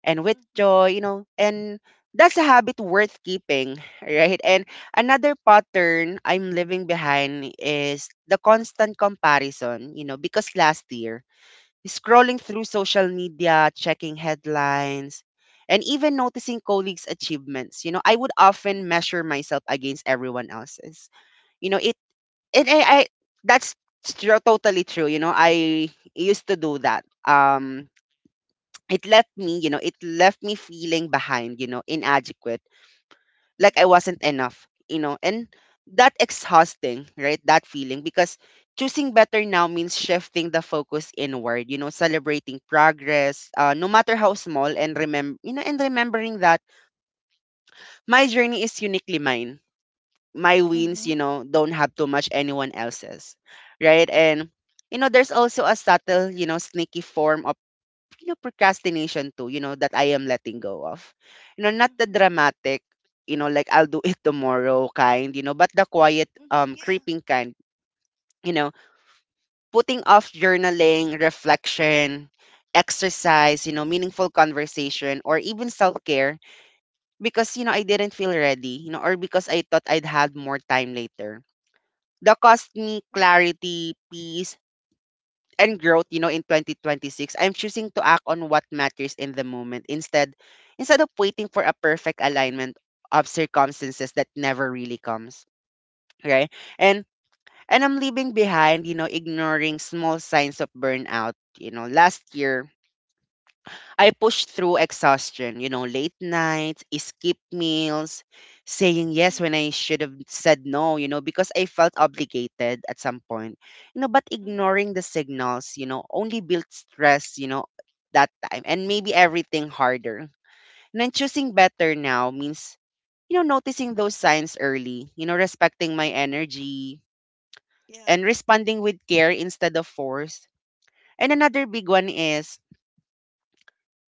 Speaker 1: and with
Speaker 2: Mm-hmm. Mm-hmm.
Speaker 1: joy, you know, and that's a habit worth keeping, (laughs) right? And another pattern I'm living behind is the constant comparison, you know, because last year, scrolling through social media, checking headlines, and even noticing colleagues' achievements, you know, I would often measure
Speaker 2: Mm-hmm.
Speaker 1: myself against everyone else's. You know, I that's totally true. You know, I used to do that. It left me, you know, it left me feeling behind, you know, inadequate, like I
Speaker 2: Mm-hmm.
Speaker 1: wasn't enough, you know, and that exhausting, right? That feeling, because choosing better now means shifting the focus inward, you know, celebrating progress, no matter how small, and remembering that my journey is uniquely mine. My
Speaker 2: Mm-hmm.
Speaker 1: wins,
Speaker 2: Mm-hmm.
Speaker 1: you know, don't have to match anyone else's, right? And, you know, there's also a subtle, you know, sneaky form of, you know, procrastination too, you know, that I am letting go of. You know, not the dramatic, you know, like I'll do it tomorrow kind, you know, but the quiet,
Speaker 2: Mm-hmm. Mm-hmm. Yeah. Mm-hmm. Mm-hmm.
Speaker 1: creeping kind, you know, putting off journaling, reflection, exercise, you know, meaningful conversation, or even self care, because, you know, I didn't feel ready, you know, or because I thought I'd had more time later. That cost me
Speaker 2: Mm-hmm.
Speaker 1: clarity, peace, and growth, you know, in 2026, I'm choosing to act on what matters in the moment, instead of waiting for a perfect alignment of circumstances that never really comes. Right? And and I'm leaving behind, you know, ignoring small signs of burnout. You know, last year I pushed through exhaustion, you know, late nights, skip meals, saying yes when I should have said no, you know, because I felt obligated at some point. You know, but
Speaker 2: Mm-hmm.
Speaker 1: ignoring the signals, you know, only built stress, you know, that time and maybe everything harder. And then choosing better now means, you know, noticing those signs early, you know, respecting my
Speaker 2: Mm-hmm.
Speaker 1: energy
Speaker 2: Yeah.
Speaker 1: and responding with care instead of force. And another big one is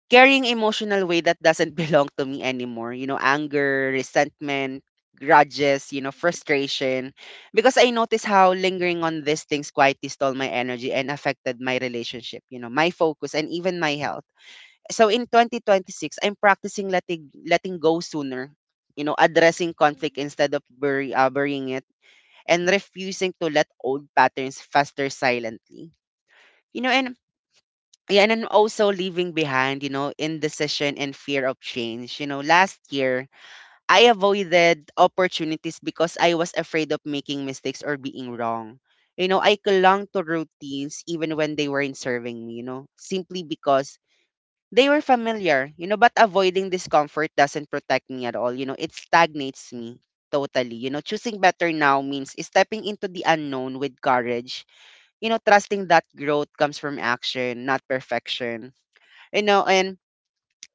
Speaker 1: carrying emotional weight that doesn't (laughs) belong to me anymore, you know, anger, resentment, grudges, you know,
Speaker 2: Mm-hmm.
Speaker 1: frustration. Because I noticed how lingering on these things quietly stole my energy and affected my relationship, you know, my focus and even my health. So in 2026, I'm practicing letting go sooner, you know, addressing conflict
Speaker 2: Mm-hmm.
Speaker 1: instead of burying it, and refusing to let old patterns fester silently. You know, and yeah, and I'm also leaving behind, you know, indecision and fear of change. You know, last year, I avoided opportunities because I was afraid of making mistakes or being wrong. You know, I clung to routines even when they weren't serving me, you know, simply because they were familiar, you know, but avoiding discomfort doesn't protect me at all. You know, it stagnates me totally. You know, choosing better now
Speaker 2: Mm-hmm.
Speaker 1: means stepping into the unknown with courage, you know, trusting that growth comes from action, not perfection, you know, and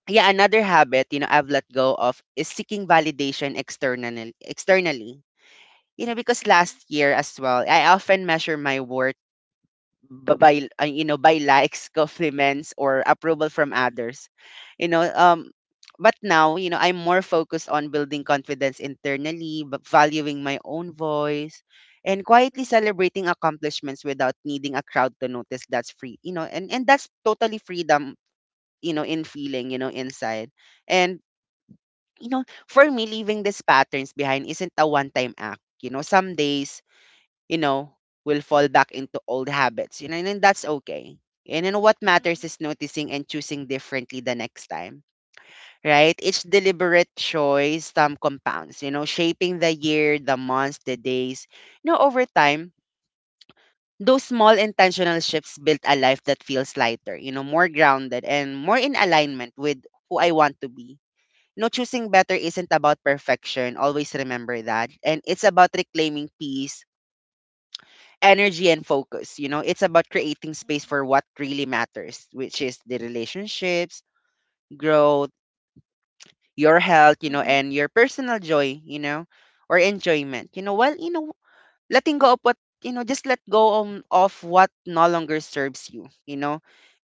Speaker 1: yeah, another habit, you know, I've let go of is seeking validation externally. You know, because last
Speaker 2: Mm-hmm.
Speaker 1: year as well, I often measure my worth by, you know, by likes, (laughs) compliments, or approval from others. You know, um, but now, you know, I'm more focused on building confidence internally, but valuing my own voice, and quietly
Speaker 2: Mhm.
Speaker 1: celebrating accomplishments without needing a crowd to notice. That's free, you know, and that's totally freedom, you know, in feeling, you know, inside. And, you know, for me, leaving these patterns behind isn't a one time act. You know, some days, you know, will fall back into old habits, you know, and then that's okay. And then what
Speaker 2: Mhm.
Speaker 1: matters is noticing and choosing differently the next time. Right, each deliberate choice some compounds, you know, shaping the year, the months, the days, you know, over time, those small intentional shifts built a life that feels lighter, you know, more grounded and more in alignment with who I want to be. No, choosing better isn't about perfection. Always remember that. And it's about reclaiming peace, energy, and focus. You know, it's about creating
Speaker 2: Mhm.
Speaker 1: space for what really matters, which is the relationships, growth, your health, you know,
Speaker 2: Mhm.
Speaker 1: and your personal joy, you know, or enjoyment. You know, while, you know, letting go of what, you know, just let go on, of what no longer serves you, you know.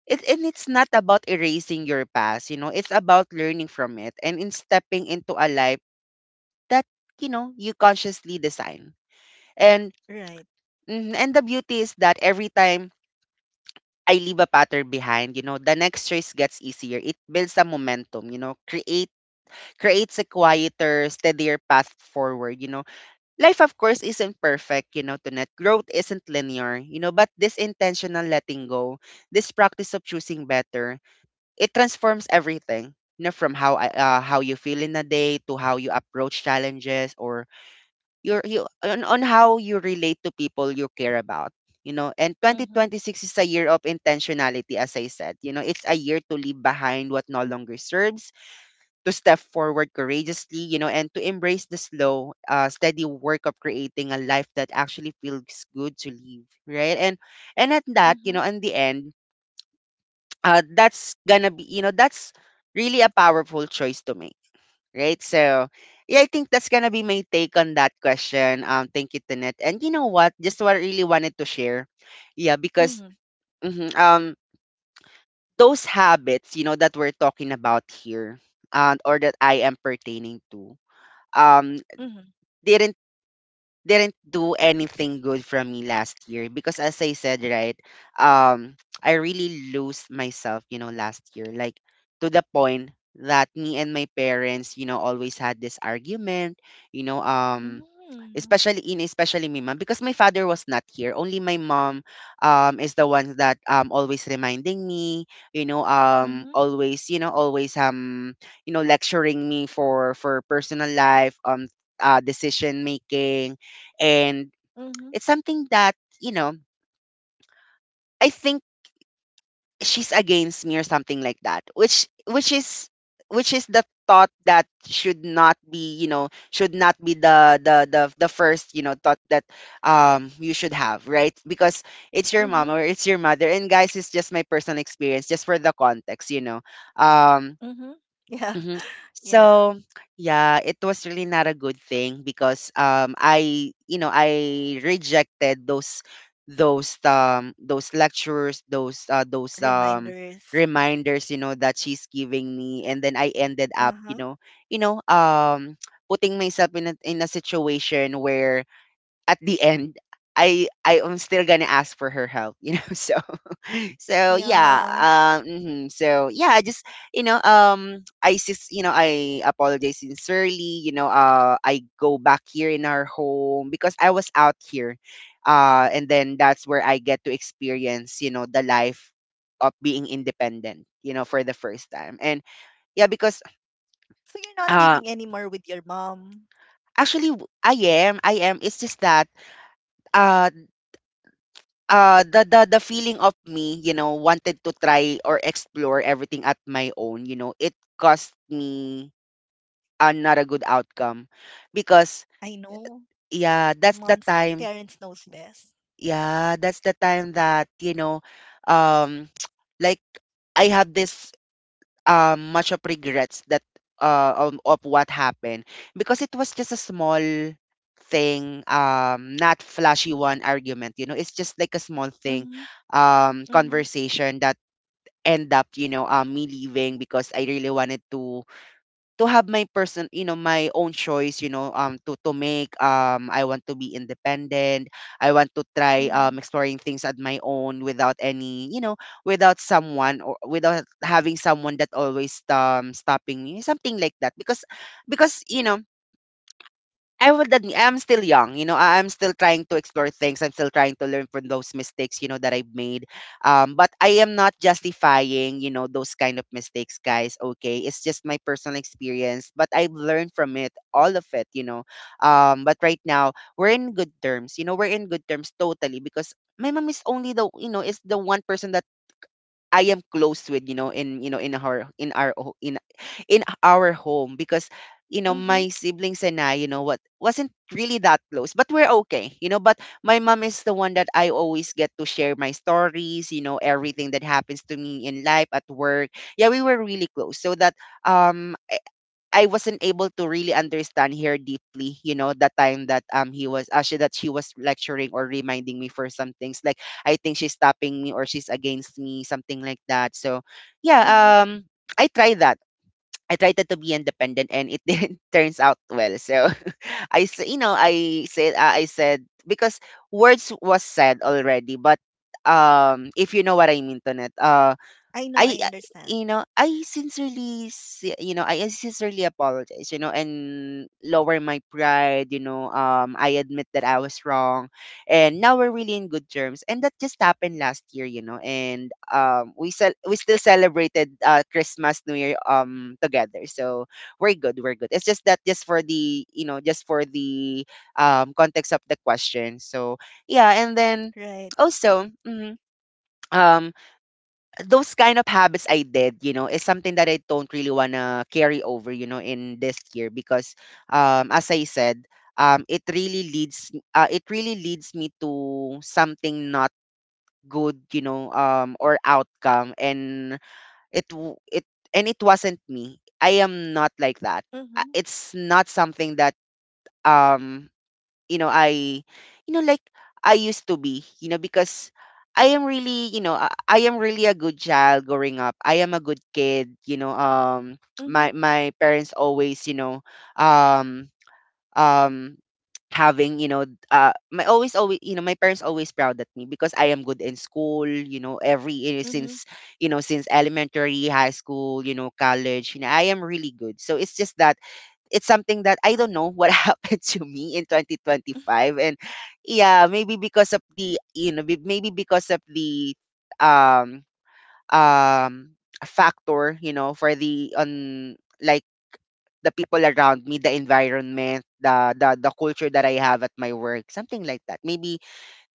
Speaker 1: And it's not about erasing your past, you know, it's about learning from it and in stepping into a life that, you know, you consciously design. And
Speaker 2: Right.
Speaker 1: mhm, and the beauty is that every time I leave a pattern behind, you know, the next choice gets easier. It builds a momentum, you know, creates a quieter, steadier path forward, you know. Life of course isn't perfect, you know, to net growth isn't linear, you know, but this intentional letting go, this practice of choosing better, it transforms everything, you know, from how
Speaker 2: Mhm.
Speaker 1: how you feel in a day to how you approach challenges or on how you relate to people you care about, you know. And
Speaker 2: Mhm.
Speaker 1: 2026 is a year of intentionality, as I said, you know. It's a year to leave behind what no longer serves, to step forward courageously, you know, and to embrace the slow, steady work of creating a life that actually feels good to live, right? And at that, you know, in the end, that's gonna be, you know, that's really a powerful choice to make, right? So, yeah, I think that's gonna be my take on that question. Thank you, Tanet. And you know what? Just what I really wanted to share. Yeah, because
Speaker 2: Mhm.
Speaker 1: mhm, those habits, you know, that we're talking about here, or that I am pertaining to, um,
Speaker 2: Mhm.
Speaker 1: didn't didn't do anything good from me last year because as I said, right, um, I really lose myself, you know, last year. Like to the point that me and my parents, you know, always had this argument, you know,
Speaker 2: Mhm.
Speaker 1: um,
Speaker 2: Mhm.
Speaker 1: especially in especially me mom, because my father was not here, only my mom, um, is the one that always reminding me, you know, um,
Speaker 2: Mhm.
Speaker 1: always, you know, always, um, you know, lecturing me for personal life, um, decision making. And
Speaker 2: Mhm.
Speaker 1: it's something that, you know, I think she's against me or something like that, which is, which is the thought that should not be, you know, should not be the first, you know, thought that you should have, right? Because it's your mom, or
Speaker 2: Mhm.
Speaker 1: it's your mother. And guys, it's just my personal experience, just for the context, you know. Um,
Speaker 2: Mhm. Yeah.
Speaker 1: mhm.
Speaker 2: (laughs) Yeah.
Speaker 1: So, yeah, it was really not a good thing because I, you know, I rejected those um, those lectures, those
Speaker 2: Reminders.
Speaker 1: reminders, you know, that she's giving me, and then I ended up,
Speaker 2: Uh-huh.
Speaker 1: you know, um, putting myself in a, in a situation where at the end I am still gonna ask for her help, (laughs) you know. So so yeah,
Speaker 2: Yeah.
Speaker 1: um, mhm. So yeah, I just, you know, um, I just, you know, I apologize sincerely, you know. I go back here in our home because I was out here, and then that's where I get to experience, you know, the life of being independent, you know, for the first time. And yeah, because
Speaker 2: So you're not
Speaker 1: uh,
Speaker 2: living anymore with your mom.
Speaker 1: actually I am, I am, it's just that uh, uh, the feeling of me, you know, wanted to try or explore everything at my own, you know, it cost me, not a good outcome, because
Speaker 2: I know.
Speaker 1: yeah, that's the
Speaker 2: Mom's
Speaker 1: time.
Speaker 2: parents knows best.
Speaker 1: Yeah, that's the time that, you know, um, (tsk) like, I have this um, much of regrets that uh, of what happened, because it was just a small thing, um, not flashy one argument, you know, it's just like a small thing,
Speaker 2: Mhm.
Speaker 1: um,
Speaker 2: Mhm.
Speaker 1: conversation that end up, you know, me leaving because I really wanted to have my person, you know, my own choice, you know, to make. I want to be independent. I want to try um,
Speaker 2: Mhm.
Speaker 1: exploring things at my own without any, you know, without someone or without having someone that always stopping me, something like that. Because you know, I would admit I'm still young, you know. I'm still trying to explore things. I'm still trying to learn from those mistakes, you know, that I've made. But I am not justifying, you know, those kind of mistakes, guys. Okay, it's just my personal experience, but I've learned from it, all of it, you know. But right now we're in good terms, you know. We're in good terms totally because my mom is only the, you know, is the one person that I am close with, you know, in, you know, in our, in our in our home, because you know my
Speaker 2: Mhm.
Speaker 1: siblings and I, you know what, wasn't really that close, but we're okay, you know. But my mom is the one that I always get to share my stories, you know, everything that happens to me in life at work. Yeah, we were really close, so that um I wasn't able to really understand her deeply, you know, the time that he was actually that she was lecturing or reminding me for some things. Like I think she's stopping me or she's against me, something like that. So yeah,
Speaker 2: Mhm.
Speaker 1: um, I tried that. I tried to be independent and it (laughs) didn't turns out well. So (laughs) you know, I said because words was said already, but um, if you know what I mean, Tonet,
Speaker 2: I know.
Speaker 1: I,
Speaker 2: I
Speaker 1: I-
Speaker 2: understand.
Speaker 1: you know, I sincerely, you know, I sincerely apologize, you know, and lower my pride, you know, I admit that I was wrong, and now we're really in good terms, and that just happened last year, you know, and we still celebrated Christmas, New Year together, so we're good, we're good. It's just that just for the, you know, just for the context of the question, so yeah, and
Speaker 2: Right.
Speaker 1: then also. Mhm, um, those kind of habits I did, you know, is something that I don't really want to carry over, you know, in this year because as I said, it really leads me to something not good, you know, um, or outcome. And it and it wasn't me. I am not like that.
Speaker 2: Mhm.
Speaker 1: It's not something that um, you know, I, you know, like, I used to be, you know, because I am really, you know, I am really a good child growing up. I am a good kid, you know, um,
Speaker 2: Mhm.
Speaker 1: my parents always, you know, um, um, having, you know, my always, you know, my parents always proud at me because I am good in school, you know, every, you know,
Speaker 2: Mhm.
Speaker 1: since, you know, since elementary, high school, you know, college, you know, I am really good. So it's just that it's something that I don't know what (laughs) happened to me in 2025, and yeah, maybe because of the, you know, maybe because of the um, um, factor, you know, for the on, like, the people around me, the environment, the culture that I have at my work, something like that, maybe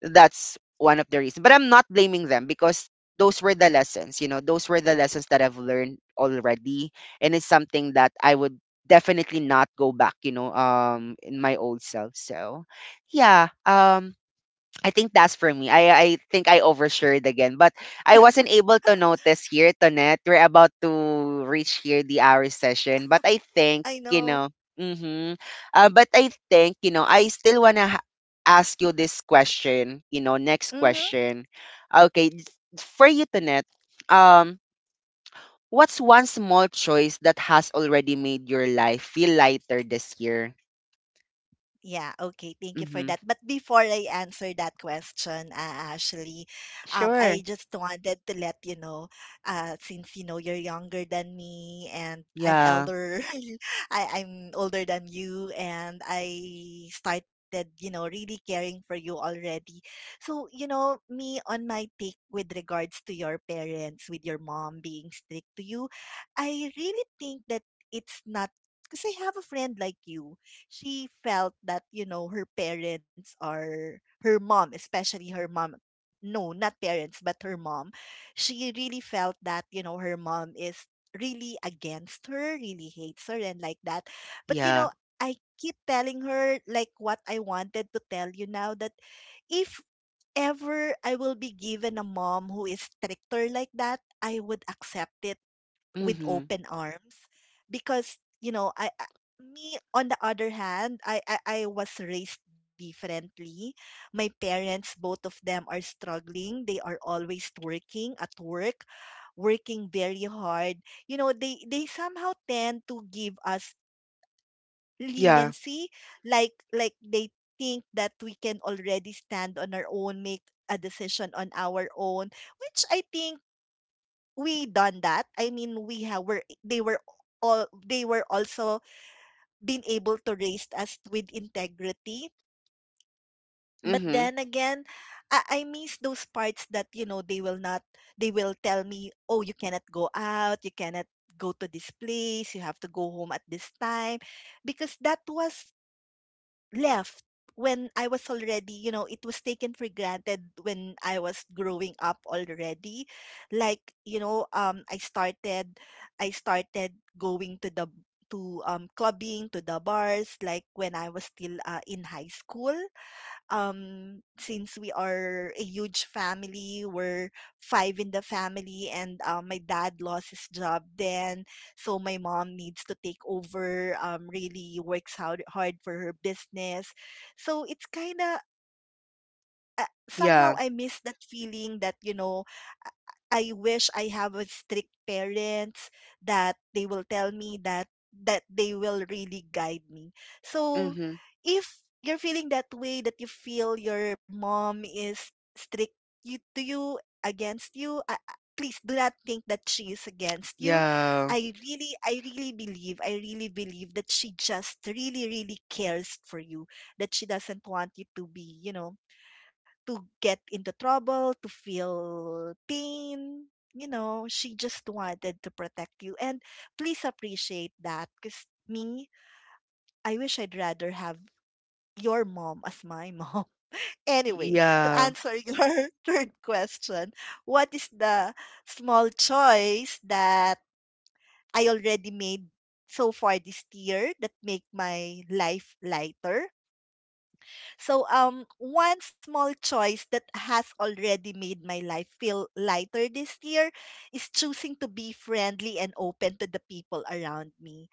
Speaker 1: that's one of the reasons. But I'm not blaming them, because those were the lessons, you know, those were the lessons that I've learned already. And it's something that I would definitely not go back, you know, um, in my old self. So yeah. Um, I think that's for me. I think I overshared again, but I wasn't able to notice here, Tonet. We're about to reach here the hour session, but I think
Speaker 2: I
Speaker 1: you know.
Speaker 2: know.
Speaker 1: Mm-hmm. But I think you know. I still wanna ask you this question. You know, next
Speaker 2: Mhm,
Speaker 1: question. Okay, for you, Tonet. Um, what's one small choice that has already made your life feel lighter this year?
Speaker 2: yeah, okay. Thank you for
Speaker 1: Mm-hmm.
Speaker 2: that. But before I answer that question, Ashley,
Speaker 1: Sure.
Speaker 2: I just wanted to let you know, since you're younger than me and I'm
Speaker 1: Yeah.
Speaker 2: elder, (laughs) I'm older than you, and I started really caring for you already. So, me on my take with regards to your parents, with your mom being strict to you, I really think that it's not. Because I have a friend like you. She felt that, her parents are her mom, especially her mom. No, not parents, but her mom. She really felt that, her mom is really against her, really hates her and like that. But
Speaker 1: Yeah.
Speaker 2: I keep telling her, like what I wanted to tell you now, that if ever I will be given a mom who is stricter like that, I would accept it with
Speaker 1: Mm-hmm.
Speaker 2: open arms. Because you know I me on the other hand, I was raised differently. My parents, both of them are struggling. They are always working at work, working very hard. You know, they somehow tend to give us
Speaker 1: Yeah.
Speaker 2: leniency, like they think that we can already stand on our own, make a decision on our own, which I think we done that. I mean, we have were they were all they were also been able to raise us with integrity. But
Speaker 1: Mm-hmm.
Speaker 2: then again, I miss those parts that, they will not they will tell me, oh, you cannot go out, you cannot go to this place, you have to go home at this time, because that was left when I was already, it was taken for granted when I was growing up already. Like, I started going to clubbing, to the bars, like when I was still in high school. Since we are a huge family, we're five in the family, and my dad lost his job then, so my mom needs to take over, really works hard, hard for her business. So it's kind of somehow
Speaker 1: Yeah.
Speaker 2: I miss that feeling that, I I wish I have a strict parents, that they will tell me that they will really guide me. So
Speaker 1: Mhm.
Speaker 2: if you're feeling that way, that you feel your mom is strict you, to you against you please do not think that she is against you.
Speaker 1: Yeah.
Speaker 2: I really believe that she just really really cares for you, that she doesn't want you to be, to get into trouble, to feel pain. She just wanted to protect you. And please appreciate that, because me, I wish I'd rather have your mom as my mom. (laughs) Anyway, to
Speaker 1: Yeah.
Speaker 2: answer your (laughs) third question, what is the small choice that I already made so far this year that make my life lighter? So one small choice that has already made my life feel lighter this year is choosing to be friendly and open to the people around me.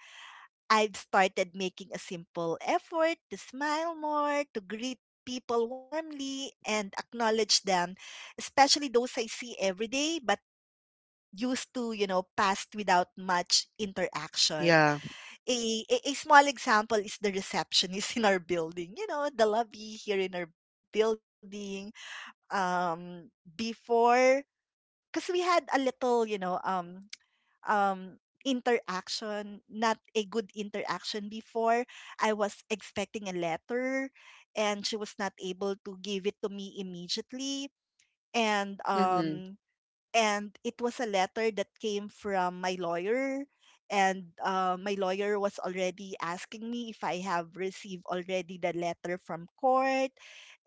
Speaker 2: I've started making a simple effort to smile more, to greet people warmly and acknowledge them, especially those I see every day but used to, passed without much interaction.
Speaker 1: Yeah.
Speaker 2: A small example is the receptionist (laughs) in our building. The lobby here in our building, before, because we had a little, (tsk) um interaction, not a good interaction before. I was expecting a letter and she was not able to give it to me immediately, and
Speaker 1: Mhm.
Speaker 2: um and it was a letter that came from my lawyer. And my lawyer was already asking me if I have received already the letter from court.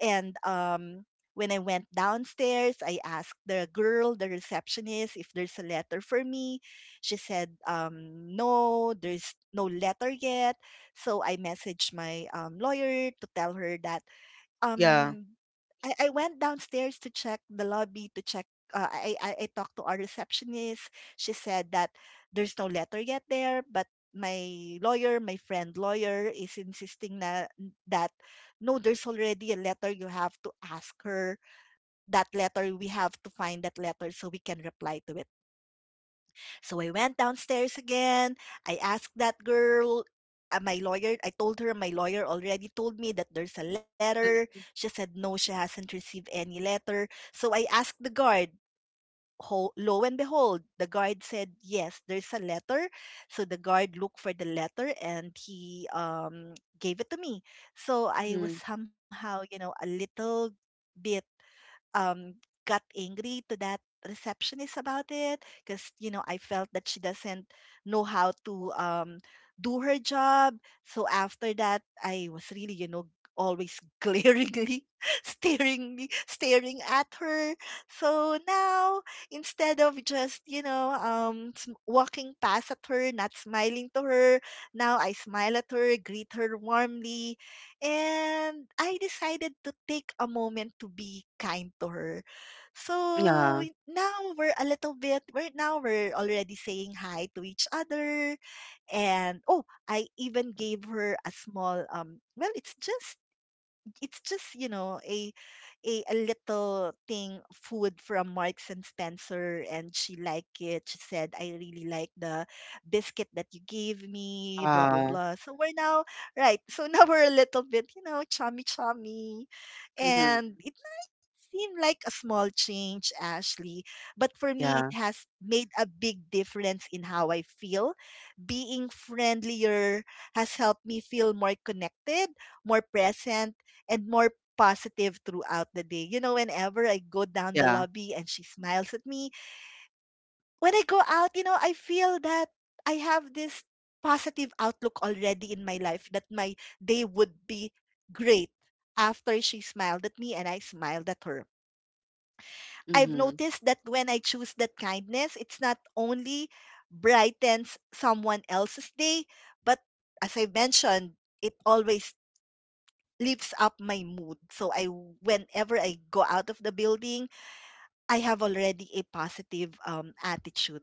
Speaker 2: And when I went downstairs, I asked the girl, the receptionist, if there's a letter for me. She said, no, there's no letter yet. So I messaged my, lawyer to tell her that,
Speaker 1: Yeah.
Speaker 2: um I went downstairs to check the lobby to check I talked to our receptionist. She said that there's no letter yet there, but my lawyer, my friend lawyer is insisting that no, there's already a letter. You have to ask her that letter. We have to find that letter so we can reply to it. So I went downstairs again. I asked that girl, my lawyer, I told her my lawyer already told me that there's a letter. She said, no, she hasn't received any letter. So I asked the guard. Lo and behold, the guard said, yes, there's a letter. So the guard looked for the letter and he, gave it to me. So I was
Speaker 1: Mhm.
Speaker 2: somehow, a little bit, um, got angry to that receptionist about it, because I felt that she doesn't know how to, do her job. So after that, I was really always (laughs) glaringly (laughs) staring at her. So now, instead of just walking past at her, not smiling to her, now I smile at her, greet her warmly, and I decided to take a moment to be kind to her. So
Speaker 1: Yeah.
Speaker 2: now we're a little bit, we're now we're already saying hi to each other. And oh, I even gave her a small, well, it's just a little thing, food from Marks and Spencer, and she liked it. She said, I really like the biscuit that you gave me, blah blah
Speaker 1: Ah.
Speaker 2: blah. So we're now, right. So (laughs) now we're a little bit, chummy chummy.
Speaker 1: Mhm.
Speaker 2: And it might seem like a small change, Ashley, but for me it
Speaker 1: Yeah.
Speaker 2: has made a big difference in how I feel. Being friendlier has helped me feel more connected, more present, and more positive throughout the day. Whenever I go down the
Speaker 1: Yeah.
Speaker 2: lobby and she smiles at me, when I go out, I feel that I have this positive outlook already in my life, that my day would be great after she smiled at me and I smiled at her. I've
Speaker 1: Mhm.
Speaker 2: noticed that when I choose that kindness, it's not only brightens someone else's day, but as I mentioned, it always lifts up my mood. So I whenever I go out of the building, I have already a positive, attitude.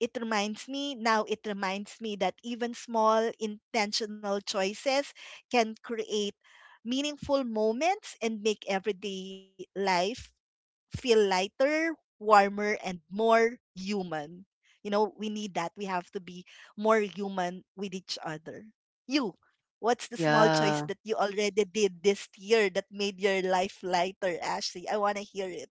Speaker 2: It reminds me that even small intentional choices can create meaningful moments and make everyday life feel lighter, warmer, and more human. We need that. We have to be more human with each other. You, what's the small choice
Speaker 1: Yeah.
Speaker 2: that you already did this year that made your life lighter, Ashley? I want to hear it.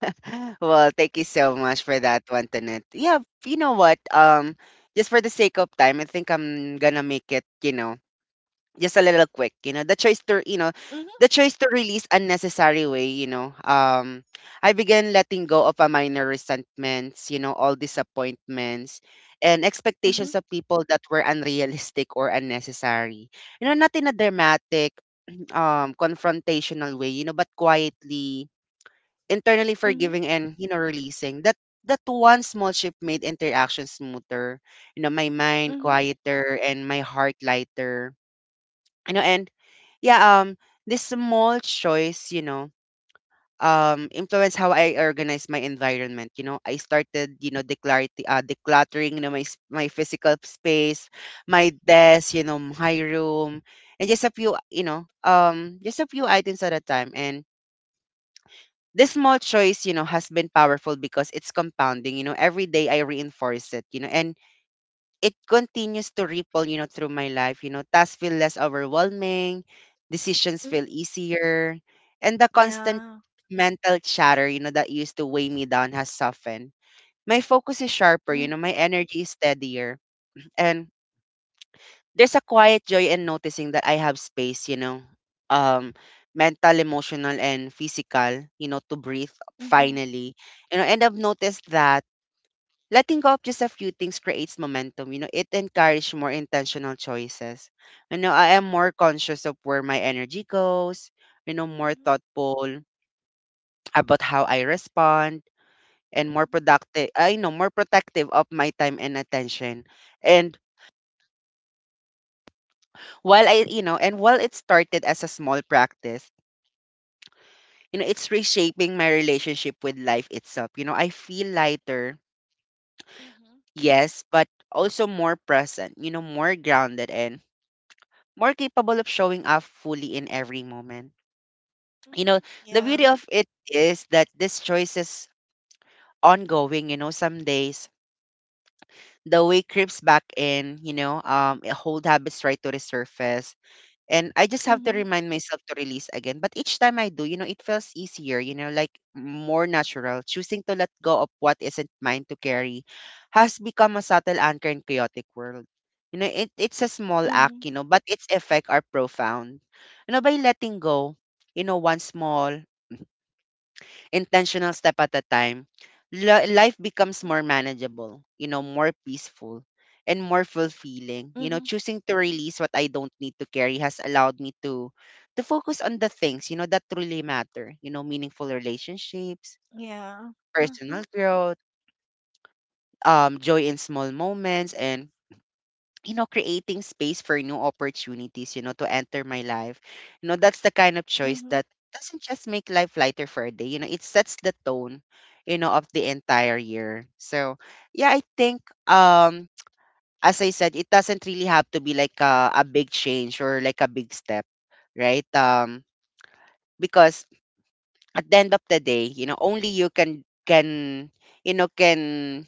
Speaker 1: (sighs) (laughs) Well, thank you so much for that one, Tanet. Yeah, you know what? Just for the sake of time, I think I'm gonna make it, you know, just a little quick. You know, the choice to,
Speaker 2: Mhm,
Speaker 1: the choice to release unnecessary way. You know, I began letting go of a minor resentments, you know, all disappointments and
Speaker 2: mhm,
Speaker 1: expectations of people that were unrealistic or unnecessary. You know, not in a dramatic, confrontational way, you know, but quietly, internally
Speaker 2: mhm,
Speaker 1: forgiving and, you know, releasing that. That one small shift made interaction smoother, you know, my mind
Speaker 2: mhm,
Speaker 1: quieter and my heart lighter. You know, and yeah, this small choice, you know, influence how I organize my environment. You know, I started, you know, decluttering, you know, my my physical space, my desk, you know, my room, and just a few, you know, just a few items at a time. And this small choice, you know, has been powerful because it's compounding. You know, every day I reinforce it, you know, and it continues to ripple, you know, through my life. You know, tasks feel less overwhelming, decisions feel
Speaker 2: mhm.
Speaker 1: easier, and the constant
Speaker 2: Yeah.
Speaker 1: mental chatter, you know, that used to weigh me down has softened. My focus is sharper, you know, my
Speaker 2: Mhm,
Speaker 1: energy is steadier. And there's a quiet joy in noticing that I have space, you know, um, mental, emotional, and physical, you know, to breathe
Speaker 2: mhm,
Speaker 1: finally. You know, and I've noticed that letting go of just a few things creates momentum. You know, it encourages more intentional choices. You know, I am more conscious of where my energy goes, you know, more
Speaker 2: mhm,
Speaker 1: thoughtful about how I respond and more
Speaker 2: mhm,
Speaker 1: productive. I know more protective of my time and attention. And while I, you know, and while it started as a small practice, you know, it's reshaping my relationship with life itself. You know, I feel lighter,
Speaker 2: mhm,
Speaker 1: yes, but also more present, you know, more grounded and more capable of showing up fully in every moment. You know,
Speaker 2: mhm.
Speaker 1: the beauty
Speaker 2: Yeah.
Speaker 1: of it is that this choice is ongoing. You know, some days the way creeps back in, you know, old habits try to resurface and I just have to
Speaker 2: Mhm,
Speaker 1: remind myself to release again. But each time I do, you know, it feels easier, you know, like more natural. Choosing to let go of what isn't mine to carry has become a subtle anchor in chaotic world. You know, it's a small
Speaker 2: mhm,
Speaker 1: act, you know, but its effect are profound. You know, by letting go, you know, one small intentional step at a time, life
Speaker 2: mhm,
Speaker 1: becomes more manageable, you know, more peaceful and more
Speaker 2: mhm.
Speaker 1: fulfilling. You know, choosing to release what I don't need to carry has allowed me to focus on the things, you know, that truly matter, you know, meaningful relationships,
Speaker 2: Yeah. Mhm,
Speaker 1: personal growth, joy in small moments and, you know, creating space for new opportunities, you know, to enter my life. You know, that's the kind of
Speaker 2: mhm,
Speaker 1: choice that doesn't just make life lighter for a day, you know, it sets the tone, you know, of the entire year. So, yeah, I think um as I said, it doesn't really have to be like a big change or like a big step, right? Because at the end of the day, you know, only you can, you know, can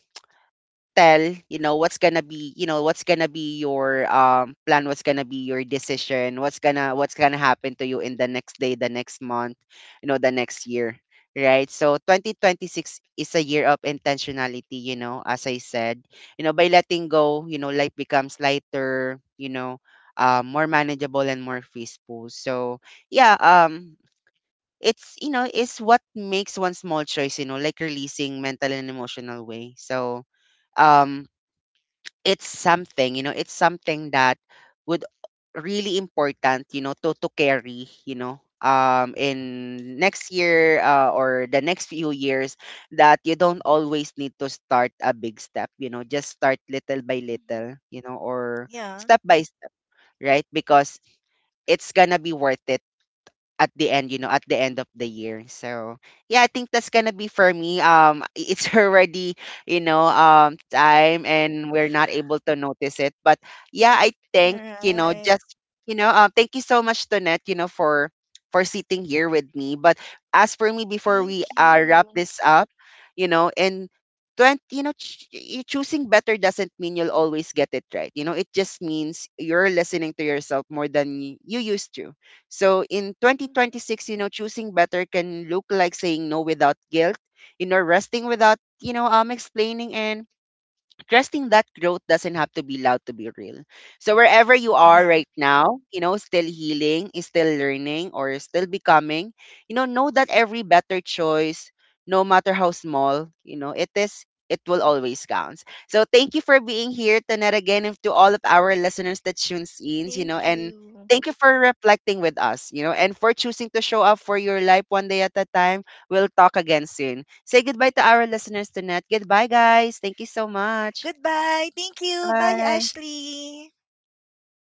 Speaker 1: tell, you know, what's gonna be, you know, what's gonna be your plan, what's gonna be your decision, what's gonna happen to you in the next day, the next month, you know, the next year, right? So 2026 is a year of intentionality. You know, as I said, you know, by letting go, you know, life becomes lighter. You know, more manageable and more peaceful. So yeah, it's, you know, it's what makes one small choice, you know, like releasing mental and emotional way. So, um it's something, you know, it's something that would really important, you know, to carry, you know,
Speaker 2: mhm,
Speaker 1: in next year, or the next few years, that you don't always need to start a big step, you know, just start little by
Speaker 2: mhm.
Speaker 1: little, you know, or
Speaker 2: Yeah.
Speaker 1: step by step, right? Because it's gonna be worth it at the end, you know, at the end of the year. So yeah, I think that's gonna be for me. (laughs) It's already, you know, time, and we're not able to notice it. But yeah, I think you know,
Speaker 2: Alright.
Speaker 1: just, you know, thank you so much, Tonette, you know, for sitting here with me. But as for me, before we
Speaker 2: Thank
Speaker 1: wrap
Speaker 2: you.
Speaker 1: this up, you know, and you know, choosing better doesn't mean you'll always get it right. You know, it just means you're listening to yourself more than you used to. So in
Speaker 2: Hmm.
Speaker 1: 2026, you know, choosing better can look like saying no without guilt, you know, resting without, you know, explaining and trusting that growth doesn't have to be loud to be real. So wherever you are right
Speaker 2: Yeah.
Speaker 1: now, you know, still healing, is still learning, or is still becoming, you know that every better choice, no matter how small, you know, it will always count. So thank you for being here, Tanet, again, and to all of our listeners that tunes in, you know,
Speaker 2: Thank
Speaker 1: and
Speaker 2: you.
Speaker 1: thank you for reflecting with us, you know, and for choosing to show up for your life one day at a time. We'll talk again soon. Say goodbye to our listeners tonight. Goodbye, guys. Thank you so much.
Speaker 2: Goodbye. Thank you. Bye,
Speaker 1: Bye.
Speaker 2: Ashley. Bye.